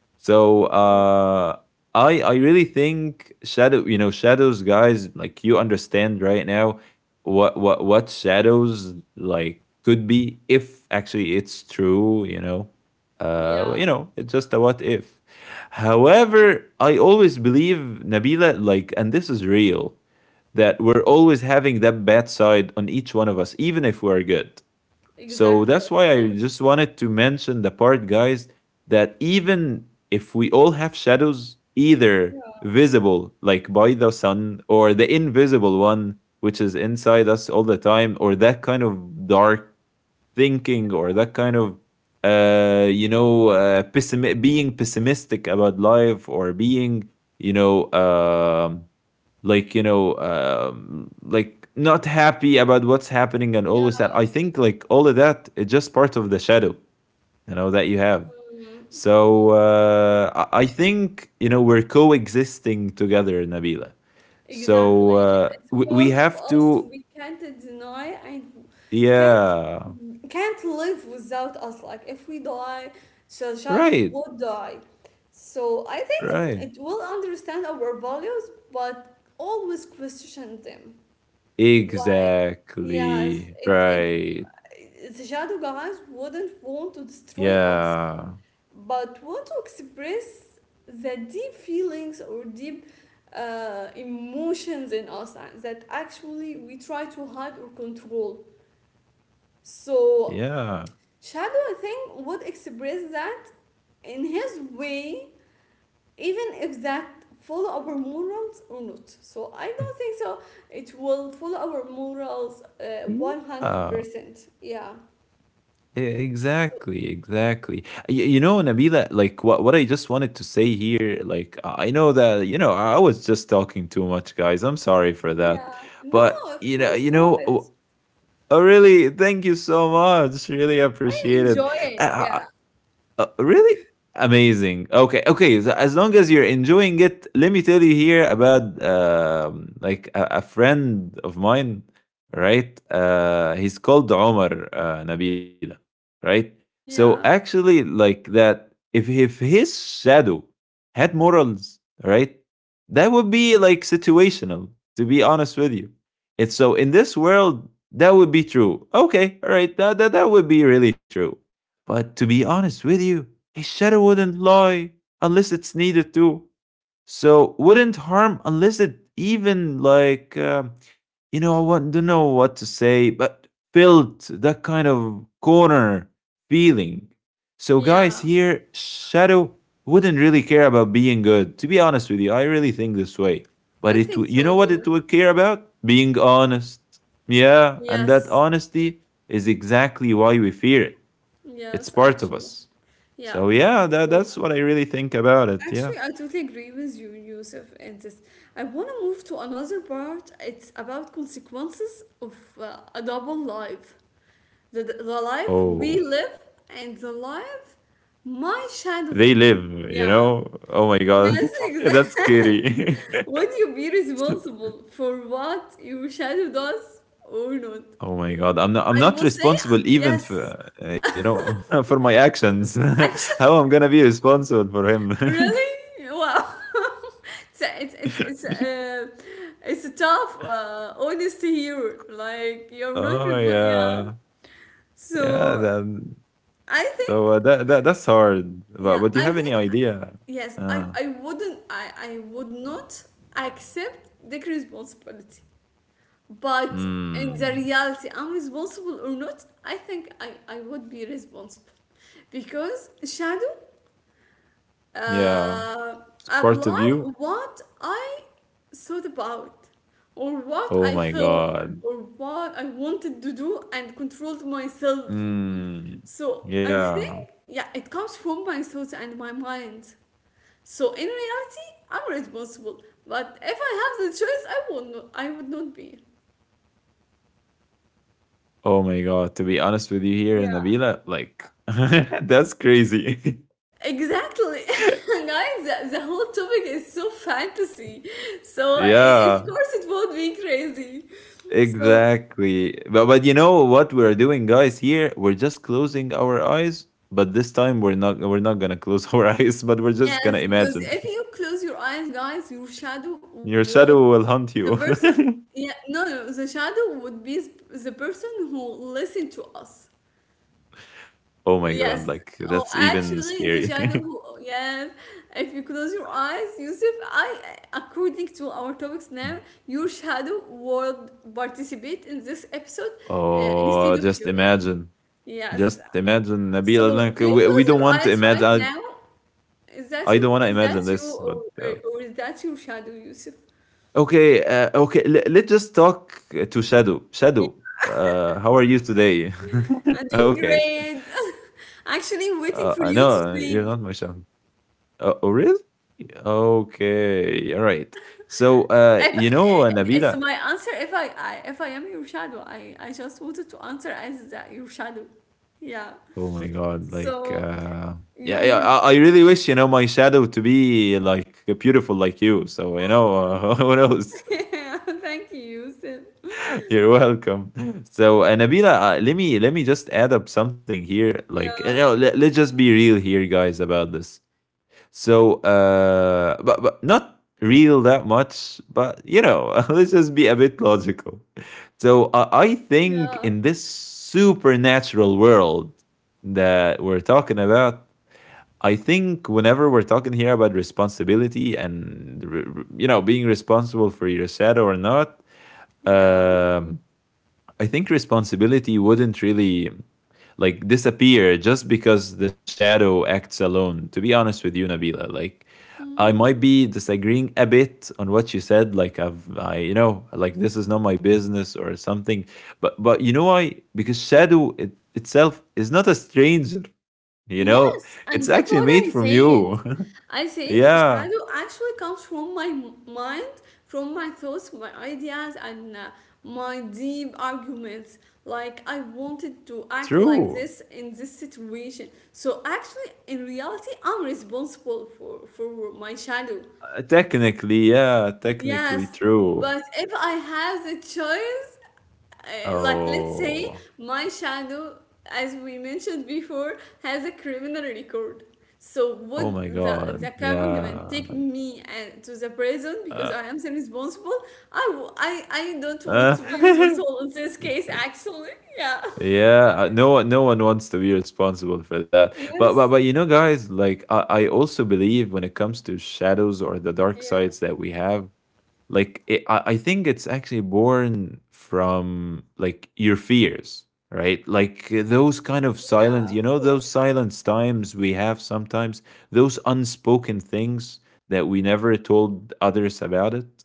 [SPEAKER 2] So
[SPEAKER 1] Yeah.
[SPEAKER 2] I really think shadow, you know, shadows, guys, like, you understand right now what shadows like could be if actually it's true, you know.
[SPEAKER 1] Yeah.
[SPEAKER 2] You know, it's just a what if.
[SPEAKER 1] Yeah.
[SPEAKER 2] However, I always believe, Nabila, like, and this is real, that we're always having that bad side on each one of us even if we're good. So
[SPEAKER 1] Exactly.
[SPEAKER 2] that's
[SPEAKER 1] Of
[SPEAKER 2] why I
[SPEAKER 1] course.
[SPEAKER 2] just wanted to mention the part, guys, that even if we all have shadows, either
[SPEAKER 1] Yeah.
[SPEAKER 2] visible, like by the sun, or the invisible one, which is inside us all the time, or that kind of dark thinking, or that kind of you know, being pessimistic about life, or being, you know, like, you know, like not happy about what's happening, and all
[SPEAKER 1] Yeah.
[SPEAKER 2] of that, I think like all of that is just part of the shadow you know that you have.
[SPEAKER 1] Mm.
[SPEAKER 2] So think, you know, we're coexisting together, Nabila. So
[SPEAKER 1] Exactly.
[SPEAKER 2] we
[SPEAKER 1] Part of
[SPEAKER 2] have
[SPEAKER 1] us
[SPEAKER 2] to,
[SPEAKER 1] we can't deny and can't
[SPEAKER 2] yeah.
[SPEAKER 1] can't live without us. Like if we die, the shadow
[SPEAKER 2] Right,
[SPEAKER 1] would die. So I think it,
[SPEAKER 2] right,
[SPEAKER 1] it will understand our values, but always question them. Like yes,
[SPEAKER 2] exactly
[SPEAKER 1] it
[SPEAKER 2] right.
[SPEAKER 1] the shadow guys wouldn't want to destroy us
[SPEAKER 2] Yeah,
[SPEAKER 1] but want to express the deep feelings or deep emotions in us that actually we try to hide or control. So
[SPEAKER 2] yeah,
[SPEAKER 1] shadow, I think, would express that in his way, even if that follow our morals or not. So I don't think so. It will follow our morals one hundred
[SPEAKER 2] yeah.
[SPEAKER 1] percent. Yeah. So
[SPEAKER 2] Exactly, exactly. You know, Nabila, like what I just wanted to say here, like I know that you know I was just talking too much, guys. I'm sorry for
[SPEAKER 1] yeah.
[SPEAKER 2] that,
[SPEAKER 1] No,
[SPEAKER 2] but
[SPEAKER 1] of course,
[SPEAKER 2] you
[SPEAKER 1] go ahead.
[SPEAKER 2] know, oh, oh, really, thank you so much. Really
[SPEAKER 1] I
[SPEAKER 2] appreciate
[SPEAKER 1] enjoy
[SPEAKER 2] it.
[SPEAKER 1] it. Yeah.
[SPEAKER 2] Uh, really amazing. Okay, okay. So as long as you're enjoying it, let me tell you here about like a friend of mine, right? He's called Omar, Nabila, right? So
[SPEAKER 1] Yeah.
[SPEAKER 2] actually, like that, if his shadow had morals, right, that would be like situational. To be honest with you, it's so in this world that would be true. Okay, all right, that would be really true. But to be honest with you, a shadow wouldn't lie unless it's needed to. So wouldn't harm unless it even like you know, I want, don't know what to say, but felt that kind of corner feeling. So
[SPEAKER 1] Yeah,
[SPEAKER 2] guys, here shadow wouldn't really care about being good. To be honest with you, I really think this way.
[SPEAKER 1] I
[SPEAKER 2] But
[SPEAKER 1] think
[SPEAKER 2] you
[SPEAKER 1] so
[SPEAKER 2] know what
[SPEAKER 1] too.
[SPEAKER 2] it would care about? Being honest. Yeah, and that
[SPEAKER 1] Yes,
[SPEAKER 2] honesty is exactly why we fear it. It's
[SPEAKER 1] yes,
[SPEAKER 2] part of
[SPEAKER 1] actually.
[SPEAKER 2] us.
[SPEAKER 1] Yeah.
[SPEAKER 2] So yeah, that
[SPEAKER 1] So
[SPEAKER 2] that's what I really think about it. Yeah.
[SPEAKER 1] actually, I totally agree with you, Yusuf, in this. I want to move to another part. It's about consequences of a double life. The life we
[SPEAKER 2] Oh,
[SPEAKER 1] live and the life my shadow
[SPEAKER 2] they
[SPEAKER 1] lives.
[SPEAKER 2] live. You
[SPEAKER 1] Yeah.
[SPEAKER 2] know. Oh my god,
[SPEAKER 1] Yes,
[SPEAKER 2] that's
[SPEAKER 1] exactly.
[SPEAKER 2] scary.
[SPEAKER 1] Would you be responsible for what your shadow does or not?
[SPEAKER 2] Oh my god, I'm not. I'm
[SPEAKER 1] I
[SPEAKER 2] not
[SPEAKER 1] will say
[SPEAKER 2] responsible even
[SPEAKER 1] yes.
[SPEAKER 2] for you know, for my actions.
[SPEAKER 1] Actually,
[SPEAKER 2] How I'm gonna be responsible for him?
[SPEAKER 1] really? Wow. It's a, it's it's a tough honesty here. Like you're not
[SPEAKER 2] Oh
[SPEAKER 1] responsible. Yeah.
[SPEAKER 2] yeah, yeah.
[SPEAKER 1] So
[SPEAKER 2] Then
[SPEAKER 1] I
[SPEAKER 2] so
[SPEAKER 1] think
[SPEAKER 2] that's hard.
[SPEAKER 1] yeah,
[SPEAKER 2] But do you
[SPEAKER 1] I
[SPEAKER 2] have any
[SPEAKER 1] think
[SPEAKER 2] idea?
[SPEAKER 1] yes, I
[SPEAKER 2] Uh,
[SPEAKER 1] I wouldn't I I would not accept the responsibility. But in the
[SPEAKER 2] mm,
[SPEAKER 1] reality, I'm responsible or not, I think I would be responsible because shadow
[SPEAKER 2] yeah,
[SPEAKER 1] uh,
[SPEAKER 2] it's part of
[SPEAKER 1] apply
[SPEAKER 2] you.
[SPEAKER 1] what I thought about, or what I
[SPEAKER 2] Oh my
[SPEAKER 1] felt,
[SPEAKER 2] god.
[SPEAKER 1] or what I wanted to do, and controlled myself.
[SPEAKER 2] Mm,
[SPEAKER 1] So I think,
[SPEAKER 2] yeah.
[SPEAKER 1] yeah, it comes from my thoughts and my mind. So in reality, I'm responsible. But if I have the choice, I would not. I would not be.
[SPEAKER 2] Oh my God. To be honest with you here,
[SPEAKER 1] Yeah,
[SPEAKER 2] Nabila, like that's crazy.
[SPEAKER 1] exactly, guys. The whole topic is so fantasy, so i- of
[SPEAKER 2] Yeah,
[SPEAKER 1] course it would be crazy. So
[SPEAKER 2] exactly. But you know what we're doing, guys, here? We're just closing our eyes, but this time we're not gonna close our eyes, but we're just gonna
[SPEAKER 1] yes, because
[SPEAKER 2] imagine.
[SPEAKER 1] if you close your eyes, guys, your shadow
[SPEAKER 2] Your
[SPEAKER 1] will.
[SPEAKER 2] shadow will hunt
[SPEAKER 1] The
[SPEAKER 2] you.
[SPEAKER 1] person, yeah, no, no, no, the shadow would be the person who listened to us.
[SPEAKER 2] Oh my God,
[SPEAKER 1] Yes.
[SPEAKER 2] like
[SPEAKER 1] Oh,
[SPEAKER 2] that's even
[SPEAKER 1] actually, the
[SPEAKER 2] scary.
[SPEAKER 1] shadow who, yes. If you close your eyes, Yusuf, I, according to our topics now, your shadow would participate in this episode
[SPEAKER 2] Oh,
[SPEAKER 1] instead of
[SPEAKER 2] just
[SPEAKER 1] you.
[SPEAKER 2] imagine.
[SPEAKER 1] Yes.
[SPEAKER 2] Just imagine, Nabila.
[SPEAKER 1] So,
[SPEAKER 2] Like
[SPEAKER 1] do you
[SPEAKER 2] we don't
[SPEAKER 1] close
[SPEAKER 2] want
[SPEAKER 1] your
[SPEAKER 2] to
[SPEAKER 1] eyes
[SPEAKER 2] imagine.
[SPEAKER 1] right now? Is
[SPEAKER 2] I
[SPEAKER 1] that
[SPEAKER 2] don't want to
[SPEAKER 1] you? Is
[SPEAKER 2] imagine
[SPEAKER 1] that you,
[SPEAKER 2] this, but
[SPEAKER 1] or, or, or is that your shadow, Yusuf?
[SPEAKER 2] okay, okay. Let's just talk to Shadow. Shadow, how are you today?
[SPEAKER 1] I'm doing
[SPEAKER 2] Okay,
[SPEAKER 1] great. Actually, waiting
[SPEAKER 2] I
[SPEAKER 1] for you to
[SPEAKER 2] know, you're not
[SPEAKER 1] sleep.
[SPEAKER 2] my son. Oh really? Okay, all right. So,
[SPEAKER 1] If
[SPEAKER 2] you know,
[SPEAKER 1] I- it's
[SPEAKER 2] Nabila.
[SPEAKER 1] my answer, if I, I if I am your shadow, I just wanted to answer as that your shadow. Yeah.
[SPEAKER 2] Oh my God, like,
[SPEAKER 1] So you
[SPEAKER 2] yeah, yeah.
[SPEAKER 1] would.
[SPEAKER 2] I really wish you know my shadow to be like beautiful like you. So you know, what else?
[SPEAKER 1] Thank you. Thank you, Yusuf.
[SPEAKER 2] You're welcome. So, Nabila, let me just add up something here. Like, you
[SPEAKER 1] Yeah.
[SPEAKER 2] know, let's just be real here, guys, about this. So, but not real that much. But you know, let's just be a bit logical. So, I
[SPEAKER 1] Yeah.
[SPEAKER 2] think in this supernatural world that we're talking about, I think whenever we're talking here about responsibility and you know being responsible for your shadow or not,
[SPEAKER 1] Yeah.
[SPEAKER 2] um I think responsibility wouldn't really like disappear just because the shadow acts alone. To be honest with you, Nabila, like I might
[SPEAKER 1] Mm.
[SPEAKER 2] be disagreeing a bit on what you said. Like I, you know, like this is not my business or something. But you know why? Because shadow, it, itself is not a stranger. You know,
[SPEAKER 1] Yes,
[SPEAKER 2] it's
[SPEAKER 1] and that's
[SPEAKER 2] actually
[SPEAKER 1] what
[SPEAKER 2] made
[SPEAKER 1] I
[SPEAKER 2] from
[SPEAKER 1] said.
[SPEAKER 2] you.
[SPEAKER 1] I said
[SPEAKER 2] Yeah,
[SPEAKER 1] shadow actually comes from my mind, from my thoughts, my ideas, and my deep arguments. Like, I wanted to act like
[SPEAKER 2] true.
[SPEAKER 1] this in this situation. So, actually, in reality, I'm responsible for my shadow.
[SPEAKER 2] Technically, yeah,
[SPEAKER 1] Yes,
[SPEAKER 2] technically true.
[SPEAKER 1] but if I have the choice, like let's say
[SPEAKER 2] Oh.
[SPEAKER 1] my shadow, as we mentioned before, has a criminal record. So
[SPEAKER 2] Oh my
[SPEAKER 1] would the,
[SPEAKER 2] god.
[SPEAKER 1] the government
[SPEAKER 2] Yeah.
[SPEAKER 1] take me and to the prison because
[SPEAKER 2] Uh,
[SPEAKER 1] I am the responsible? I, w- I, I don't
[SPEAKER 2] uh.
[SPEAKER 1] want to be responsible in this case, actually. Yeah.
[SPEAKER 2] Yeah, no one, no one wants to be responsible for that. But you
[SPEAKER 1] Yes.
[SPEAKER 2] know, guys, like I also believe when it comes to shadows or the dark sides
[SPEAKER 1] Yeah.
[SPEAKER 2] that we have, like it, I think it's actually born from like your fears, right? Like those kind of silence, you
[SPEAKER 1] Yeah,
[SPEAKER 2] know,
[SPEAKER 1] of
[SPEAKER 2] those
[SPEAKER 1] course.
[SPEAKER 2] silence times we have sometimes, those unspoken things that we never told others about it.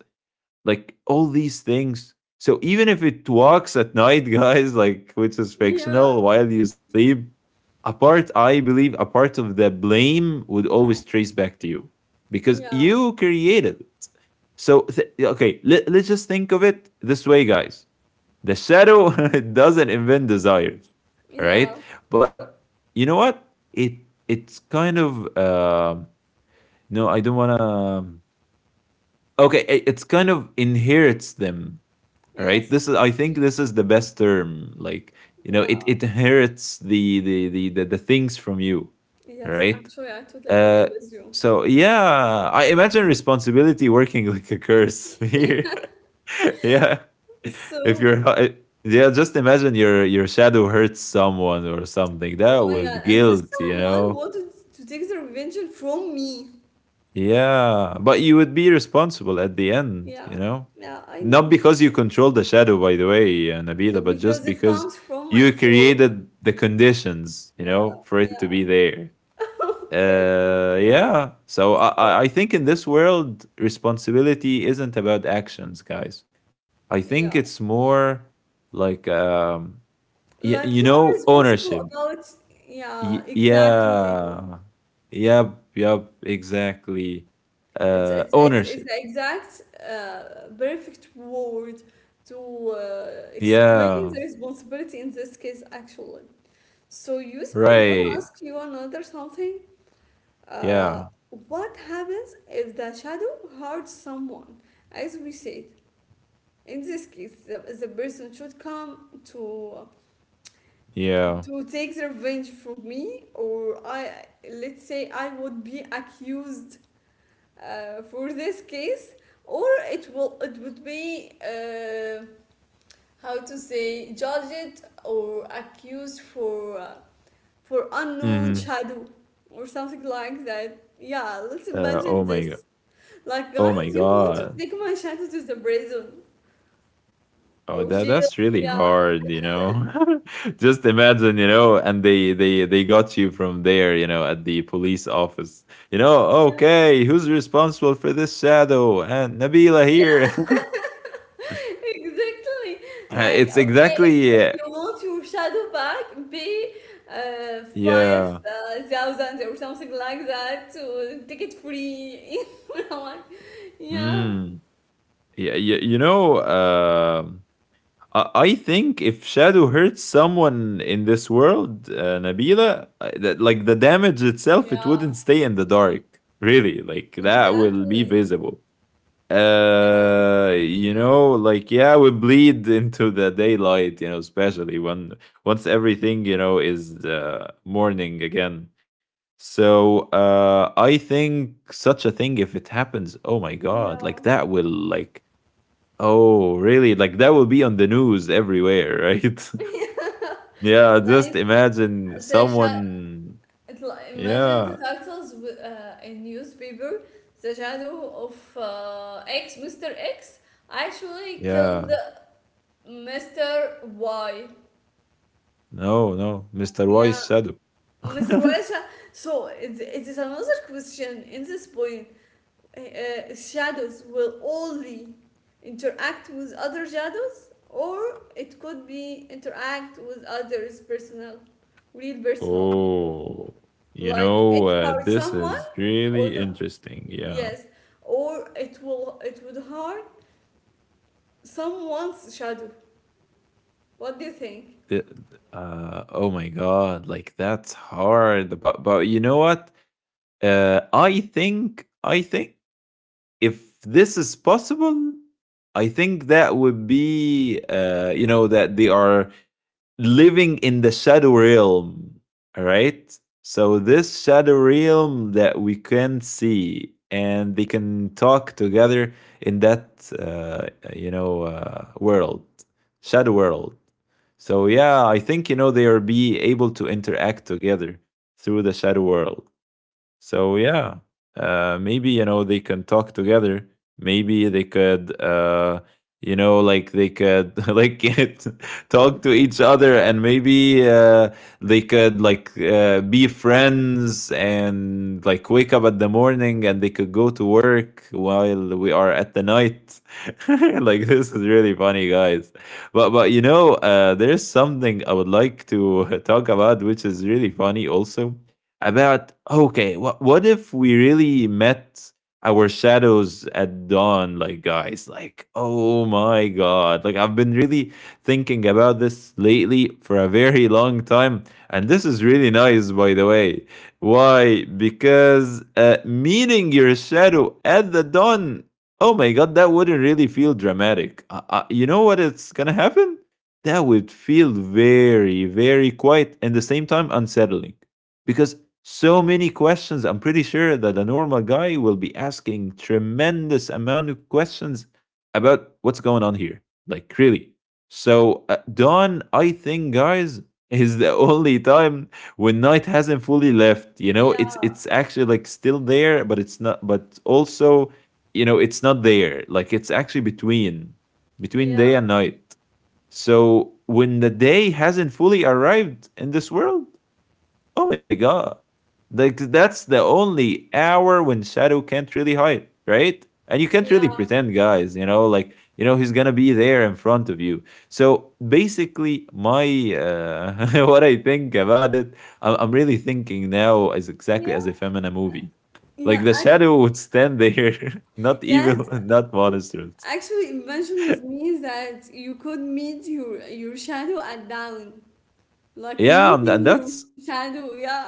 [SPEAKER 2] Like all these things. So even if it walks at night, guys, like which is fictional
[SPEAKER 1] Yeah.
[SPEAKER 2] while you sleep, a part I believe a part of the blame would always trace back to you because you
[SPEAKER 1] Yeah.
[SPEAKER 2] created it. So okay, let's just think of it this way, guys. The shadow doesn't invent desires, right?
[SPEAKER 1] Yeah.
[SPEAKER 2] But you know what? It it's kind of um no, I don't wanna. Okay, it's kind of inherits them. All right, this is,
[SPEAKER 1] Yes.
[SPEAKER 2] I think this is the best term, like you know, it
[SPEAKER 1] Yeah.
[SPEAKER 2] inherits the things from you, right?
[SPEAKER 1] Yes, actually, I totally
[SPEAKER 2] uh
[SPEAKER 1] agree with you.
[SPEAKER 2] so yeah, I imagine responsibility working like a curse here. Yeah. If you're
[SPEAKER 1] So,
[SPEAKER 2] yeah, just imagine your shadow hurts someone or something, that
[SPEAKER 1] oh
[SPEAKER 2] would
[SPEAKER 1] my God, and
[SPEAKER 2] guilt
[SPEAKER 1] this
[SPEAKER 2] you know
[SPEAKER 1] someone wanted to take the revenge from me.
[SPEAKER 2] Yeah, but you would be responsible at the end, you
[SPEAKER 1] Yeah,
[SPEAKER 2] know?
[SPEAKER 1] yeah, I
[SPEAKER 2] Not
[SPEAKER 1] know.
[SPEAKER 2] because you control the shadow, by the way, Nabila, but
[SPEAKER 1] Be-
[SPEAKER 2] just
[SPEAKER 1] Because it
[SPEAKER 2] because
[SPEAKER 1] comes
[SPEAKER 2] you
[SPEAKER 1] from my thoughts.
[SPEAKER 2] created the conditions, you know,
[SPEAKER 1] Yeah,
[SPEAKER 2] for it to be there.
[SPEAKER 1] yeah. Okay,
[SPEAKER 2] Yeah. So I
[SPEAKER 1] so,
[SPEAKER 2] think in this world, responsibility isn't about actions, guys. I think
[SPEAKER 1] yeah.
[SPEAKER 2] it's more like,
[SPEAKER 1] Like
[SPEAKER 2] you
[SPEAKER 1] you are
[SPEAKER 2] know,
[SPEAKER 1] responsible
[SPEAKER 2] ownership.
[SPEAKER 1] about, yeah, exactly.
[SPEAKER 2] Yeah. Yep. Yep. Exactly,
[SPEAKER 1] It's it's it's, it's
[SPEAKER 2] ownership.
[SPEAKER 1] the exact perfect word to explain
[SPEAKER 2] Yeah,
[SPEAKER 1] the responsibility in this case, actually. So, Yusuf, I want to
[SPEAKER 2] right.
[SPEAKER 1] ask you another something. Uh,
[SPEAKER 2] Yeah,
[SPEAKER 1] what happens if the shadow hurts someone? As we said, in this case, the person should come
[SPEAKER 2] yeah.
[SPEAKER 1] to take the revenge from me, or I let's say I would be accused for this case, or it would be how to say judged or accused for. Uh, for unknown
[SPEAKER 2] Mhm.
[SPEAKER 1] shadow or something like that. Yeah, let's
[SPEAKER 2] Oh
[SPEAKER 1] imagine
[SPEAKER 2] my god.
[SPEAKER 1] this. Like,
[SPEAKER 2] Oh
[SPEAKER 1] guys,
[SPEAKER 2] my
[SPEAKER 1] you want to
[SPEAKER 2] god.
[SPEAKER 1] take my shadow to the prison
[SPEAKER 2] Oh,
[SPEAKER 1] or jail?
[SPEAKER 2] that's really
[SPEAKER 1] Yeah,
[SPEAKER 2] hard, you know. Just imagine, you know, and they got you from there, you know, at the police office. You know,
[SPEAKER 1] yeah,
[SPEAKER 2] okay, who's responsible for this shadow? And Nabila here.
[SPEAKER 1] yeah, exactly. Like,
[SPEAKER 2] It's
[SPEAKER 1] okay,
[SPEAKER 2] exactly
[SPEAKER 1] if you want your shadow back, pay
[SPEAKER 2] yeah.
[SPEAKER 1] 5,000 or something like that to take it free. You know what? Yeah,
[SPEAKER 2] Mm. Yeah, you know, I think if Shadow hurts someone in this world, Nabila, that, like the damage itself, it wouldn't
[SPEAKER 1] yeah,
[SPEAKER 2] stay in the dark. Really, like that will be
[SPEAKER 1] exactly.
[SPEAKER 2] visible.
[SPEAKER 1] Yeah,
[SPEAKER 2] You know, like yeah, we bleed into the daylight. You know, especially when once everything, you know, is morning again. So I think such a thing, if it happens, oh my god, like
[SPEAKER 1] yeah.
[SPEAKER 2] that will, like, oh, really? Like that will be on the news everywhere, right? Yeah, just
[SPEAKER 1] Like,
[SPEAKER 2] imagine
[SPEAKER 1] the shadow.
[SPEAKER 2] someone.
[SPEAKER 1] It's like, imagine
[SPEAKER 2] Yeah,
[SPEAKER 1] the titles with a newspaper. The shadow of X, Mr. X, actually
[SPEAKER 2] yeah.
[SPEAKER 1] killed Mr. Y.
[SPEAKER 2] No, no. Mr.
[SPEAKER 1] Yeah,
[SPEAKER 2] Wise Shadow.
[SPEAKER 1] Mr. Y. is so it is another question in this point. Shadows will only interact with other shadows, or it could be interact with others' personal, real personal.
[SPEAKER 2] Oh, you
[SPEAKER 1] Like
[SPEAKER 2] know,
[SPEAKER 1] it hurt
[SPEAKER 2] this
[SPEAKER 1] someone,
[SPEAKER 2] is
[SPEAKER 1] or
[SPEAKER 2] really
[SPEAKER 1] the
[SPEAKER 2] interesting. Yeah.
[SPEAKER 1] yes, or it would harm someone's shadow. What do you think?
[SPEAKER 2] Th- oh my God. Like that's hard. But you know what? I think if this is possible, I think that would be, you know, that they are living in the shadow realm, right? So this shadow realm that we can see, and they can talk together in that, you know, world, shadow world. So yeah, I think, you know, they are be able to interact together through the shadow world. So yeah, maybe you know, they can talk together. Maybe they could, you know, like they could like get, talk to each other, and maybe they could like be friends and like wake up at the morning, and they could go to work while we are at the night. Like this is really funny, guys. But you know, there is something I would like to talk about, which is really funny also about, okay, what if we really met our shadows at dawn, like guys, like oh my god, like I've been really thinking about this lately for a very long time, and this is really nice, by the way. Why? Because meeting your shadow at the dawn. Oh my god, that wouldn't really feel dramatic. You know what? It's gonna happen. That would feel very, very quiet and at the same time unsettling because so many questions. I'm pretty sure that a normal guy will be asking tremendous amount of questions about what's going on here, like really. So dawn, I think guys, is the only time when night hasn't fully left. You know,
[SPEAKER 1] Yeah,
[SPEAKER 2] it's actually like still there, but it's not, but also, you know, it's not there. Like it's actually between day
[SPEAKER 1] yeah,
[SPEAKER 2] and night. So when the day hasn't fully arrived in this world. Oh my god. Like that's the only hour when Shadow can't really hide, right? And you can't really
[SPEAKER 1] yeah,
[SPEAKER 2] pretend, guys, you know, like you know he's going to be there in front of you. So basically my what I think about it, I'm really thinking now as exactly
[SPEAKER 1] yeah,
[SPEAKER 2] as if I'm in a movie. Like the
[SPEAKER 1] yeah.
[SPEAKER 2] shadow would stand there, not evil,
[SPEAKER 1] Yes,
[SPEAKER 2] not monstrous.
[SPEAKER 1] actually, imagine with me that you could meet your shadow at dawn, like
[SPEAKER 2] Yeah, and
[SPEAKER 1] meeting your
[SPEAKER 2] that's
[SPEAKER 1] shadow. Yeah.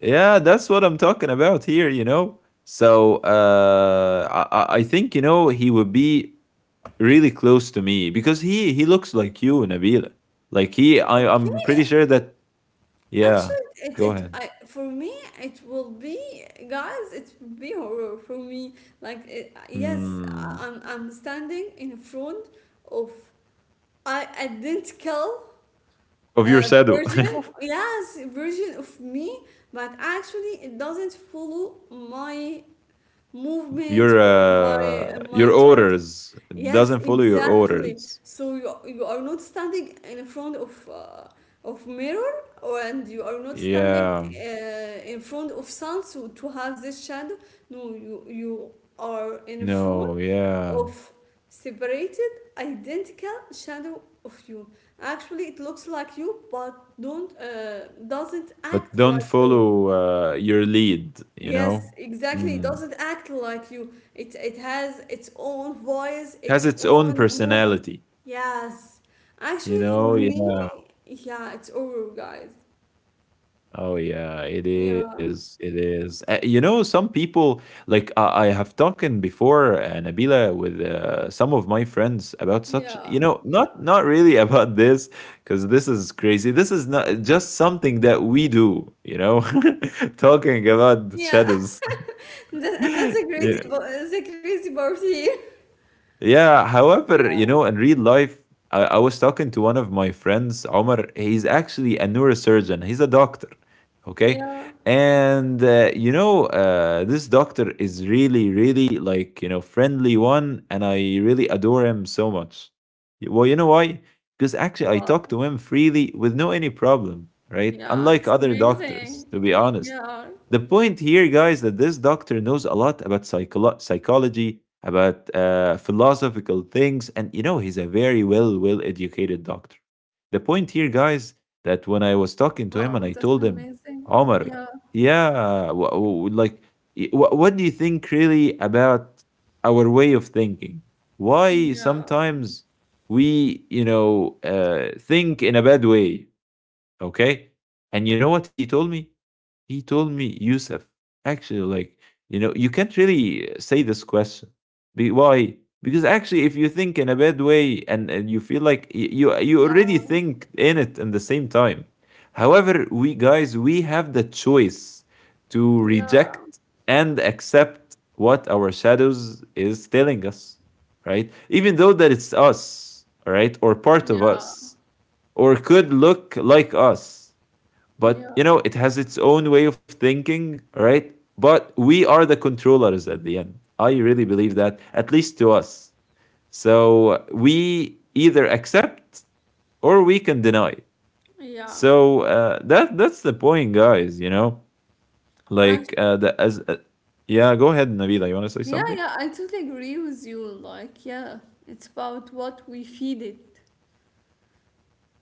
[SPEAKER 2] yeah, that's what I'm talking about here, you know? So I think, you know, he would be really close to me because he looks like you, Nabila. Like he I'm
[SPEAKER 1] Okay,
[SPEAKER 2] pretty sure that
[SPEAKER 1] actually,
[SPEAKER 2] yeah,
[SPEAKER 1] it
[SPEAKER 2] go
[SPEAKER 1] it I,
[SPEAKER 2] ahead.
[SPEAKER 1] for me it will be guys. It will be horror for me. Like it, yes, I-
[SPEAKER 2] Mm.
[SPEAKER 1] I'm I'm standing in front of I identical
[SPEAKER 2] Of your shadow.
[SPEAKER 1] version, yes, version of me, but actually it doesn't follow my
[SPEAKER 2] Your
[SPEAKER 1] movement or my my
[SPEAKER 2] your
[SPEAKER 1] talks.
[SPEAKER 2] orders.
[SPEAKER 1] Yes,
[SPEAKER 2] Doesn't follow your
[SPEAKER 1] exactly.
[SPEAKER 2] orders.
[SPEAKER 1] So you are not standing in front of mirror, or and you are not standing
[SPEAKER 2] Yeah.
[SPEAKER 1] in front of sun so to have this shadow. No, you are in front
[SPEAKER 2] No, yeah.
[SPEAKER 1] of separated identical shadow of you. Actually, it looks like you, but don't doesn't
[SPEAKER 2] But
[SPEAKER 1] act
[SPEAKER 2] don't
[SPEAKER 1] like you.
[SPEAKER 2] follow your lead, you know?
[SPEAKER 1] Yes, exactly. It
[SPEAKER 2] Mm.
[SPEAKER 1] doesn't act like you. It has its own voice,
[SPEAKER 2] It has
[SPEAKER 1] its
[SPEAKER 2] its own
[SPEAKER 1] own move.
[SPEAKER 2] personality.
[SPEAKER 1] Yes.
[SPEAKER 2] You
[SPEAKER 1] Actually, for
[SPEAKER 2] know,
[SPEAKER 1] me,
[SPEAKER 2] yeah.
[SPEAKER 1] yeah, it's over, guys.
[SPEAKER 2] Oh, yeah, it
[SPEAKER 1] Yeah,
[SPEAKER 2] is. It is. You know, some people, like I have talking before, Nabila, with some of my friends about such,
[SPEAKER 1] yeah,
[SPEAKER 2] you know, not not really about this, because this is crazy. This is not just something that we do, you know, talking about
[SPEAKER 1] yeah.
[SPEAKER 2] shadows.
[SPEAKER 1] That, that's a crazy,
[SPEAKER 2] Yeah.
[SPEAKER 1] bo- that's a crazy part here.
[SPEAKER 2] Yeah, however, you
[SPEAKER 1] Yeah,
[SPEAKER 2] know, in real life, I was talking to one of my friends, Omar. He's actually a neurosurgeon, he's a doctor, okay?
[SPEAKER 1] yeah.
[SPEAKER 2] And, you know, this doctor is really, really like, you know, friendly one, and I really adore him so much. Well, you know why? Because actually, I talk
[SPEAKER 1] Wow.
[SPEAKER 2] to him freely with no any problem, right?
[SPEAKER 1] Yeah,
[SPEAKER 2] Unlike
[SPEAKER 1] it's
[SPEAKER 2] other yeah, doctors,
[SPEAKER 1] amazing.
[SPEAKER 2] to be honest.
[SPEAKER 1] Yeah.
[SPEAKER 2] The point here, guys, that this doctor knows a lot about psychology, about philosophical things, and you know, he's a very well, well educated doctor. The point here, guys, that when I was talking
[SPEAKER 1] Wow,
[SPEAKER 2] to him and
[SPEAKER 1] that's
[SPEAKER 2] I told him,
[SPEAKER 1] amazing. Yeah,
[SPEAKER 2] Omar, yeah, like, y- what do you think really about our way of thinking? Why
[SPEAKER 1] yeah,
[SPEAKER 2] sometimes we, you know, think in a bad way, okay? And you know what he told me? He told me, Yusuf, actually, like, you know, you can't really say this question. Why? Because actually, if you think in a bad way and, you feel like you
[SPEAKER 1] yeah,
[SPEAKER 2] already think in it in the same time. However, we guys, we have the choice to
[SPEAKER 1] yeah,
[SPEAKER 2] reject and accept what our shadows is telling us, right? Even though that it's us, all right, or part of
[SPEAKER 1] yeah,
[SPEAKER 2] us, or could look like us. But you know, it has its own way of thinking, right? But we are the controllers at the end. I really believe that, at least to us. So we either accept or we can deny.
[SPEAKER 1] yeah,
[SPEAKER 2] So that's the point, guys. You know, like
[SPEAKER 1] yeah.
[SPEAKER 2] the as yeah. Go ahead, Nabila. You want to say
[SPEAKER 1] Yeah,
[SPEAKER 2] something?
[SPEAKER 1] yeah, I totally agree with you. Like, yeah, it's about what we feed it.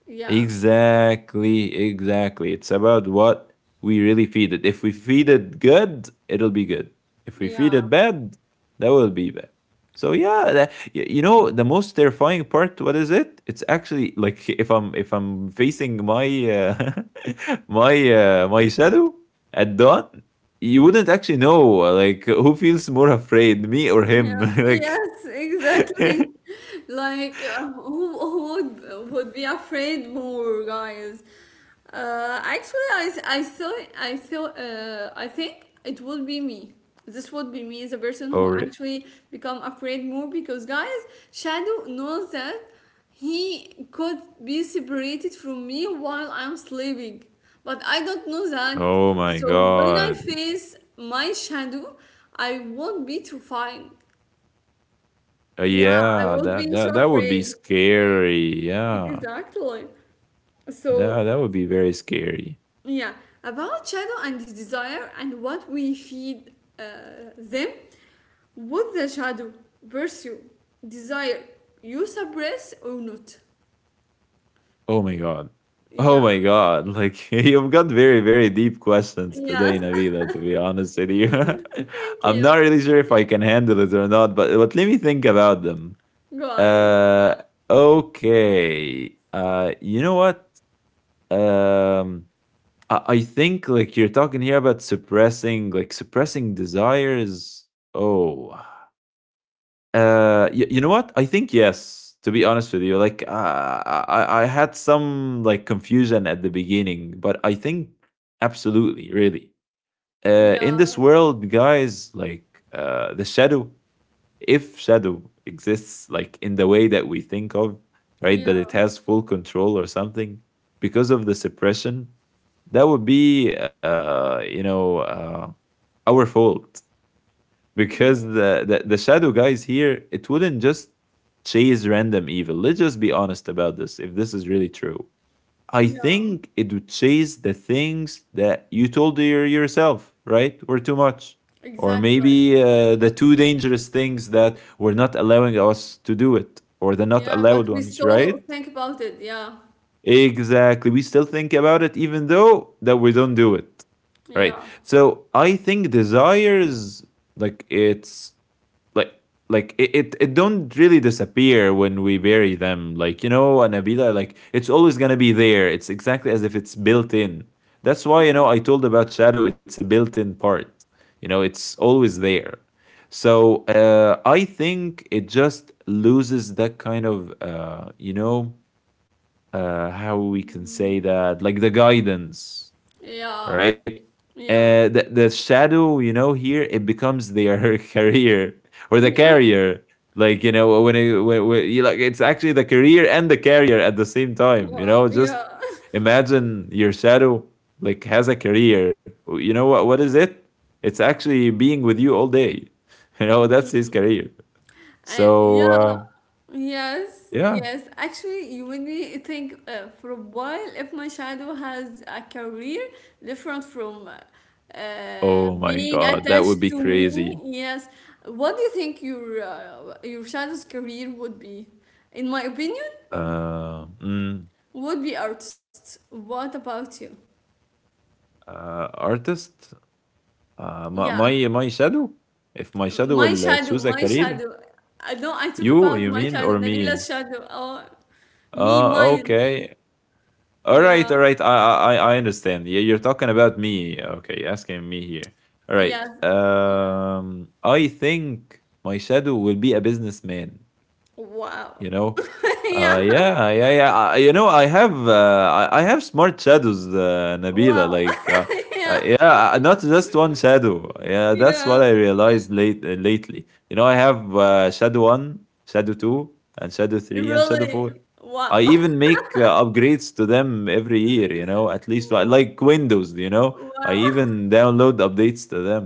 [SPEAKER 1] Yeah,
[SPEAKER 2] Exactly, exactly. It's about what we really feed it. If we feed it good, it'll be good. If we feed
[SPEAKER 1] yeah,
[SPEAKER 2] it bad, that will be bad. So yeah, that, you know the most terrifying part. What is it? It's actually like if I'm facing my my my shadow at dawn, you wouldn't actually know like who feels more afraid, me or him.
[SPEAKER 1] yeah,
[SPEAKER 2] Like,
[SPEAKER 1] yes, exactly. Like, who would be afraid more, guys? Actually, I thought I think it would be me. This would be me, the person who
[SPEAKER 2] or
[SPEAKER 1] actually become afraid more because guys, shadow knows that he could be separated from me while I'm sleeping, but I don't know that.
[SPEAKER 2] oh my
[SPEAKER 1] So when I
[SPEAKER 2] god.
[SPEAKER 1] face my shadow, I won't be terrifying. Yeah, I
[SPEAKER 2] Yeah,
[SPEAKER 1] will be so
[SPEAKER 2] that would be
[SPEAKER 1] afraid.
[SPEAKER 2] scary. Yeah.
[SPEAKER 1] Exactly. So
[SPEAKER 2] That would be very scary.
[SPEAKER 1] yeah, about shadow and his desire and what we feed them. Would the shadow pursue desire you suppress or not?
[SPEAKER 2] Oh my god. Oh
[SPEAKER 1] Yeah,
[SPEAKER 2] my god. Like you've got very, very deep questions
[SPEAKER 1] yes,
[SPEAKER 2] today, Navila, to be honest with you.
[SPEAKER 1] thank
[SPEAKER 2] I'm not really
[SPEAKER 1] you.
[SPEAKER 2] sure if I can handle it or not, but let me think about them.
[SPEAKER 1] Go ahead.
[SPEAKER 2] Uh okay. You know what? Um I think like you're talking here about suppressing, like suppressing desires. Oh. You you know what? I think yes. To be honest with you, like I had some like confusion at the beginning, but I think absolutely, really, in
[SPEAKER 1] Yeah,
[SPEAKER 2] this world, guys, like the shadow, if shadow exists, like in the way that we think of, right,
[SPEAKER 1] yeah,
[SPEAKER 2] that it has full control or something because of the suppression, that would be, you know, our fault because the shadow guys here, it wouldn't just chase random evil. Let's just be honest about this. If this is really true, I
[SPEAKER 1] yeah,
[SPEAKER 2] think it would chase the things that you told yourself, right, were too much, or
[SPEAKER 1] exactly.
[SPEAKER 2] maybe the too dangerous things that were not allowing us to do it, or the not
[SPEAKER 1] Yeah, but
[SPEAKER 2] allowed
[SPEAKER 1] we
[SPEAKER 2] ones,
[SPEAKER 1] still
[SPEAKER 2] right.
[SPEAKER 1] think about it. Yeah,
[SPEAKER 2] Exactly, we still think about it even though that we don't do it, right?
[SPEAKER 1] yeah,
[SPEAKER 2] So I think desires, like it's, like like it don't really disappear when we bury them, like you know, Anabila. Like it's always gonna be there. It's exactly as if it's built in. That's why, you know, I told about shadow, it's a built-in part. You know, it's always there. So I think it just loses that kind of you know, how we can say
[SPEAKER 1] mm,
[SPEAKER 2] that, like the guidance, all
[SPEAKER 1] yeah,
[SPEAKER 2] right?
[SPEAKER 1] yeah,
[SPEAKER 2] The shadow, you know, here it becomes their career, or the
[SPEAKER 1] yeah,
[SPEAKER 2] carrier. Like you know, when you like, it's actually the career and the carrier at the same time. You
[SPEAKER 1] wow,
[SPEAKER 2] know,
[SPEAKER 1] yeah.
[SPEAKER 2] just imagine your shadow like has a career. You know what? What is it? It's actually being with you all day. You know, that's his
[SPEAKER 1] Mm,
[SPEAKER 2] career. So
[SPEAKER 1] and yeah,
[SPEAKER 2] uh,
[SPEAKER 1] yes,
[SPEAKER 2] yeah.
[SPEAKER 1] yes. Actually, you made me think for a while if my shadow has a career different from
[SPEAKER 2] Oh my
[SPEAKER 1] being
[SPEAKER 2] god, that would
[SPEAKER 1] attached
[SPEAKER 2] be
[SPEAKER 1] to
[SPEAKER 2] crazy.
[SPEAKER 1] me. Yes. What do you think your shadow's career would be? In my opinion,
[SPEAKER 2] Uh, mm,
[SPEAKER 1] would be artist. What about you?
[SPEAKER 2] artist. Uh, my
[SPEAKER 1] Yeah,
[SPEAKER 2] my my shadow? If my shadow will choose a
[SPEAKER 1] my
[SPEAKER 2] career?
[SPEAKER 1] shadow. I know I talk
[SPEAKER 2] You,
[SPEAKER 1] about
[SPEAKER 2] you
[SPEAKER 1] my
[SPEAKER 2] mean,
[SPEAKER 1] shadow,
[SPEAKER 2] or me?
[SPEAKER 1] Nabila's shadow. Oh, me,
[SPEAKER 2] Oh,
[SPEAKER 1] mine.
[SPEAKER 2] okay. All right,
[SPEAKER 1] Yeah.
[SPEAKER 2] all right. I understand. Yeah, you're talking about me. Okay, asking me here. All right.
[SPEAKER 1] Yes.
[SPEAKER 2] I think my shadow will be a businessman.
[SPEAKER 1] Wow.
[SPEAKER 2] You know?
[SPEAKER 1] yeah.
[SPEAKER 2] Yeah, yeah. yeah. I, you know, I have smart shadows,
[SPEAKER 1] Wow.
[SPEAKER 2] Nabila. Like, uh,
[SPEAKER 1] Yeah.
[SPEAKER 2] uh, yeah, not just one shadow. Yeah, that's what
[SPEAKER 1] Yeah.
[SPEAKER 2] I realized lately. You know, I have shadow one, shadow two, and shadow three, and shadow
[SPEAKER 1] Really.
[SPEAKER 2] four. I
[SPEAKER 1] Wow.
[SPEAKER 2] even make upgrades to them every year. You know, at least I like Windows. You know, I
[SPEAKER 1] Wow.
[SPEAKER 2] even download updates to them.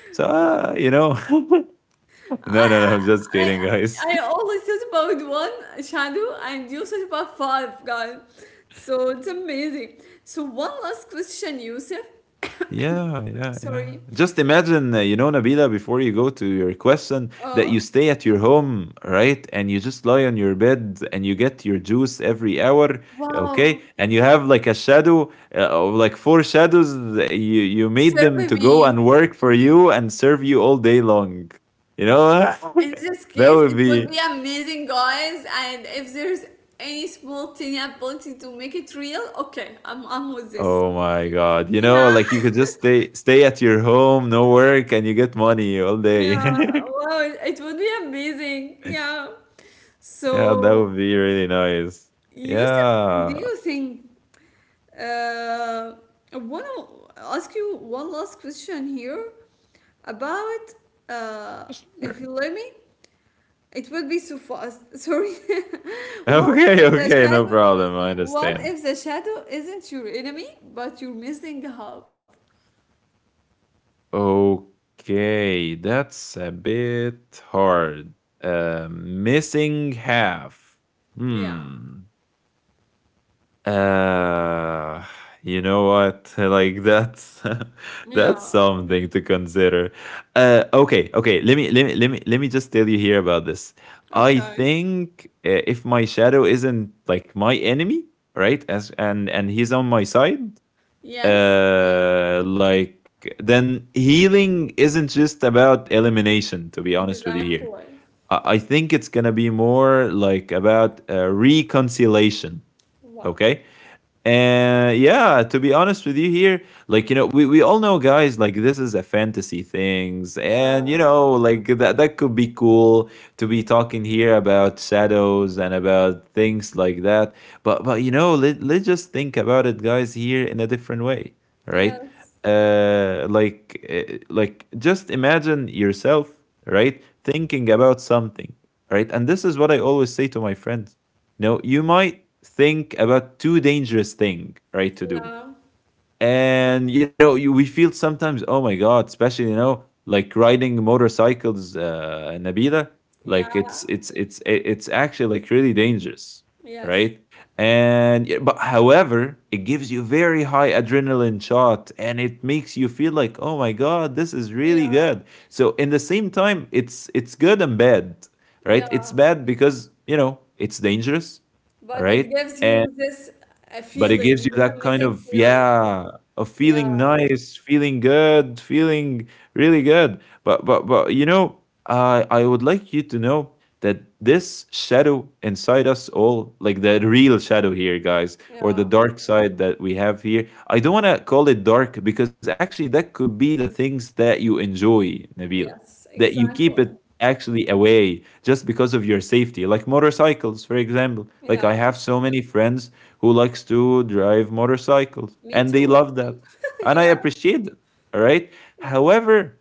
[SPEAKER 2] So
[SPEAKER 1] Wow.
[SPEAKER 2] uh, you know, no, no, no.
[SPEAKER 1] I
[SPEAKER 2] I'm just
[SPEAKER 1] I I
[SPEAKER 2] kidding, guys.
[SPEAKER 1] I only thought about one shadow and you thought about five, guys. So it's amazing. So one last question, Yusuf.
[SPEAKER 2] Yeah, yeah, yeah, yeah.
[SPEAKER 1] Sorry.
[SPEAKER 2] Just imagine, Nabila, before you go to your question, that you
[SPEAKER 1] Oh,
[SPEAKER 2] stay at your home, right? And you just lie on your bed and you get your juice every hour, okay?
[SPEAKER 1] wow.
[SPEAKER 2] And you have like a shadow of like four shadows. That You made them
[SPEAKER 1] Survey
[SPEAKER 2] to go
[SPEAKER 1] me.
[SPEAKER 2] and work for you and serve you all day long. You know,
[SPEAKER 1] In this
[SPEAKER 2] that
[SPEAKER 1] case,
[SPEAKER 2] would
[SPEAKER 1] it would be
[SPEAKER 2] be.
[SPEAKER 1] amazing, guys. And if there's any small tiny ability to make it real, okay, I'm with this.
[SPEAKER 2] Oh my God! You know,
[SPEAKER 1] Yeah,
[SPEAKER 2] like you could just stay at your home, no work, and you get money all
[SPEAKER 1] yeah.
[SPEAKER 2] day.
[SPEAKER 1] Wow, it would be amazing. Yeah.
[SPEAKER 2] Yeah, that
[SPEAKER 1] So,
[SPEAKER 2] would be really nice.
[SPEAKER 1] Yusuf, do
[SPEAKER 2] Yeah.
[SPEAKER 1] you think? Uh, I want to ask you one last question here about uh,
[SPEAKER 2] Sure.
[SPEAKER 1] if you let me. It would be so fast. Sorry. What is
[SPEAKER 2] Okay,
[SPEAKER 1] the
[SPEAKER 2] okay, no
[SPEAKER 1] shadow?
[SPEAKER 2] problem. I
[SPEAKER 1] What
[SPEAKER 2] understand.
[SPEAKER 1] if the shadow isn't your enemy, but you're missing help?
[SPEAKER 2] Okay, that's a bit hard. Missing half.
[SPEAKER 1] Yeah.
[SPEAKER 2] Hmm. Uh, you know what? Like that's
[SPEAKER 1] Yeah.
[SPEAKER 2] that's something to consider. Okay, okay. Let me just tell you here about this. I
[SPEAKER 1] Okay.
[SPEAKER 2] think if my shadow isn't like my enemy, right? As and he's on my side,
[SPEAKER 1] Yes,
[SPEAKER 2] like then healing isn't just about elimination. To be honest with you, here,
[SPEAKER 1] exactly.
[SPEAKER 2] I think it's gonna be more like about reconciliation.
[SPEAKER 1] Wow.
[SPEAKER 2] Okay, and yeah, to be honest with you here, like you know, we all know, guys, like this is a fantasy things, and you
[SPEAKER 1] Yeah.
[SPEAKER 2] know, like that could be cool to be talking here about shadows and about things like that. But you know, let's just think about it, guys, here in a different way, right?
[SPEAKER 1] Yes.
[SPEAKER 2] Like just imagine yourself, right, thinking about something, right? And this is what I always say to my friends. No, you might think about too dangerous thing, right, to do.
[SPEAKER 1] Yeah.
[SPEAKER 2] And you know, we feel sometimes, oh my god, especially you know, like riding motorcycles, Nabila,
[SPEAKER 1] Yeah.
[SPEAKER 2] like it's actually like really dangerous,
[SPEAKER 1] Yes.
[SPEAKER 2] right? And yeah, but however, it gives you very high adrenaline shot and it makes you feel like, oh my god, this is really
[SPEAKER 1] Yeah.
[SPEAKER 2] good. So in the same time, it's good and bad, right? It's
[SPEAKER 1] Yeah.
[SPEAKER 2] bad because you know it's dangerous, all
[SPEAKER 1] But it
[SPEAKER 2] right,
[SPEAKER 1] gives you this a
[SPEAKER 2] but it gives
[SPEAKER 1] feeling,
[SPEAKER 2] you
[SPEAKER 1] this
[SPEAKER 2] that kind
[SPEAKER 1] amazing
[SPEAKER 2] of,
[SPEAKER 1] feeling.
[SPEAKER 2] yeah, of
[SPEAKER 1] Yeah.
[SPEAKER 2] feeling, nice feeling, good feeling, really good. But you know, I would like you to know that this shadow inside us all, like the real shadow here, guys, or the
[SPEAKER 1] Yeah.
[SPEAKER 2] dark side that we have here, I don't want to call it dark because actually that could be the things that you enjoy, Nabila,
[SPEAKER 1] Yes,
[SPEAKER 2] that you keep it
[SPEAKER 1] exactly.
[SPEAKER 2] actually away just because of your safety, like motorcycles for example. Like I
[SPEAKER 1] Yeah.
[SPEAKER 2] have so many friends who likes to drive motorcycles,
[SPEAKER 1] Me
[SPEAKER 2] and they
[SPEAKER 1] too.
[SPEAKER 2] love that, and I
[SPEAKER 1] Yeah.
[SPEAKER 2] appreciate it. All right.
[SPEAKER 1] Yeah.
[SPEAKER 2] However,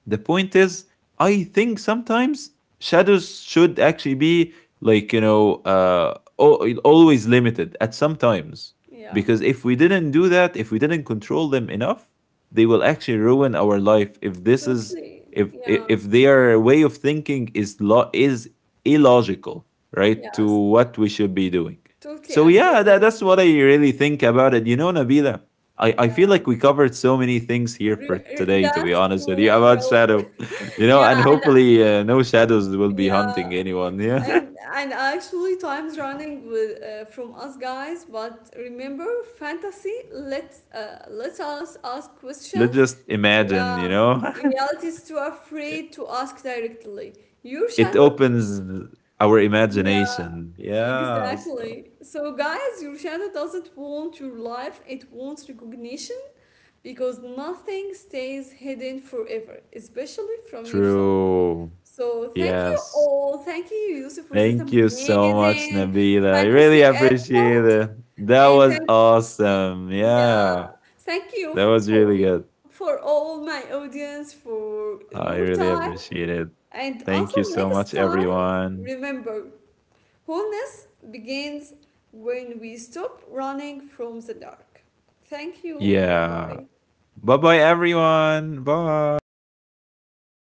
[SPEAKER 2] the point is, I think sometimes shadows should actually be, like you know, always limited at some times,
[SPEAKER 1] Yeah.
[SPEAKER 2] because if we didn't do that, if we didn't control them enough, they will actually ruin our life, if this is,
[SPEAKER 1] Totally. Yeah.
[SPEAKER 2] if their way of thinking is is illogical, right, to
[SPEAKER 1] Yes.
[SPEAKER 2] what we should be doing.
[SPEAKER 1] Totally
[SPEAKER 2] So yeah,
[SPEAKER 1] agree with
[SPEAKER 2] that's what I
[SPEAKER 1] you.
[SPEAKER 2] really think about it, you know, Nabila. I feel
[SPEAKER 1] Yeah,
[SPEAKER 2] like we covered so many things here for today, to be
[SPEAKER 1] That's
[SPEAKER 2] honest with you,
[SPEAKER 1] true.
[SPEAKER 2] about
[SPEAKER 1] Real.
[SPEAKER 2] shadow, you know,
[SPEAKER 1] Yeah,
[SPEAKER 2] and
[SPEAKER 1] and
[SPEAKER 2] hopefully no shadows will be hunting
[SPEAKER 1] yeah,
[SPEAKER 2] anyone. Yeah.
[SPEAKER 1] and actually, time's running with from us guys. But remember, fantasy lets us ask
[SPEAKER 2] Let's
[SPEAKER 1] questions.
[SPEAKER 2] just imagine,
[SPEAKER 1] Yeah,
[SPEAKER 2] you know,
[SPEAKER 1] reality is too
[SPEAKER 2] it
[SPEAKER 1] afraid to ask directly. Your shadow.
[SPEAKER 2] opens our
[SPEAKER 1] Yeah.
[SPEAKER 2] imagination. Yeah. So.
[SPEAKER 1] Exactly. So, guys, your shadow doesn't want your life, it wants recognition. Because nothing stays hidden forever, especially from yourself.
[SPEAKER 2] True.
[SPEAKER 1] So, thank you
[SPEAKER 2] Yes.
[SPEAKER 1] all. Thank you, Yusuf, for this
[SPEAKER 2] Thank you so much,
[SPEAKER 1] amazing
[SPEAKER 2] Nabila. I really
[SPEAKER 1] fantasy
[SPEAKER 2] appreciate
[SPEAKER 1] episode.
[SPEAKER 2] it. That
[SPEAKER 1] And
[SPEAKER 2] was awesome.
[SPEAKER 1] yeah,
[SPEAKER 2] Yeah.
[SPEAKER 1] thank you
[SPEAKER 2] That was really
[SPEAKER 1] for
[SPEAKER 2] good.
[SPEAKER 1] all my audience for
[SPEAKER 2] I
[SPEAKER 1] your
[SPEAKER 2] really
[SPEAKER 1] time.
[SPEAKER 2] appreciate it.
[SPEAKER 1] And
[SPEAKER 2] Thank you
[SPEAKER 1] until
[SPEAKER 2] so much,
[SPEAKER 1] next time,
[SPEAKER 2] everyone.
[SPEAKER 1] remember, wholeness begins when we stop running from the dark. Thank you. Bye
[SPEAKER 2] Yeah.
[SPEAKER 1] bye.
[SPEAKER 2] Bye bye, everyone. Bye.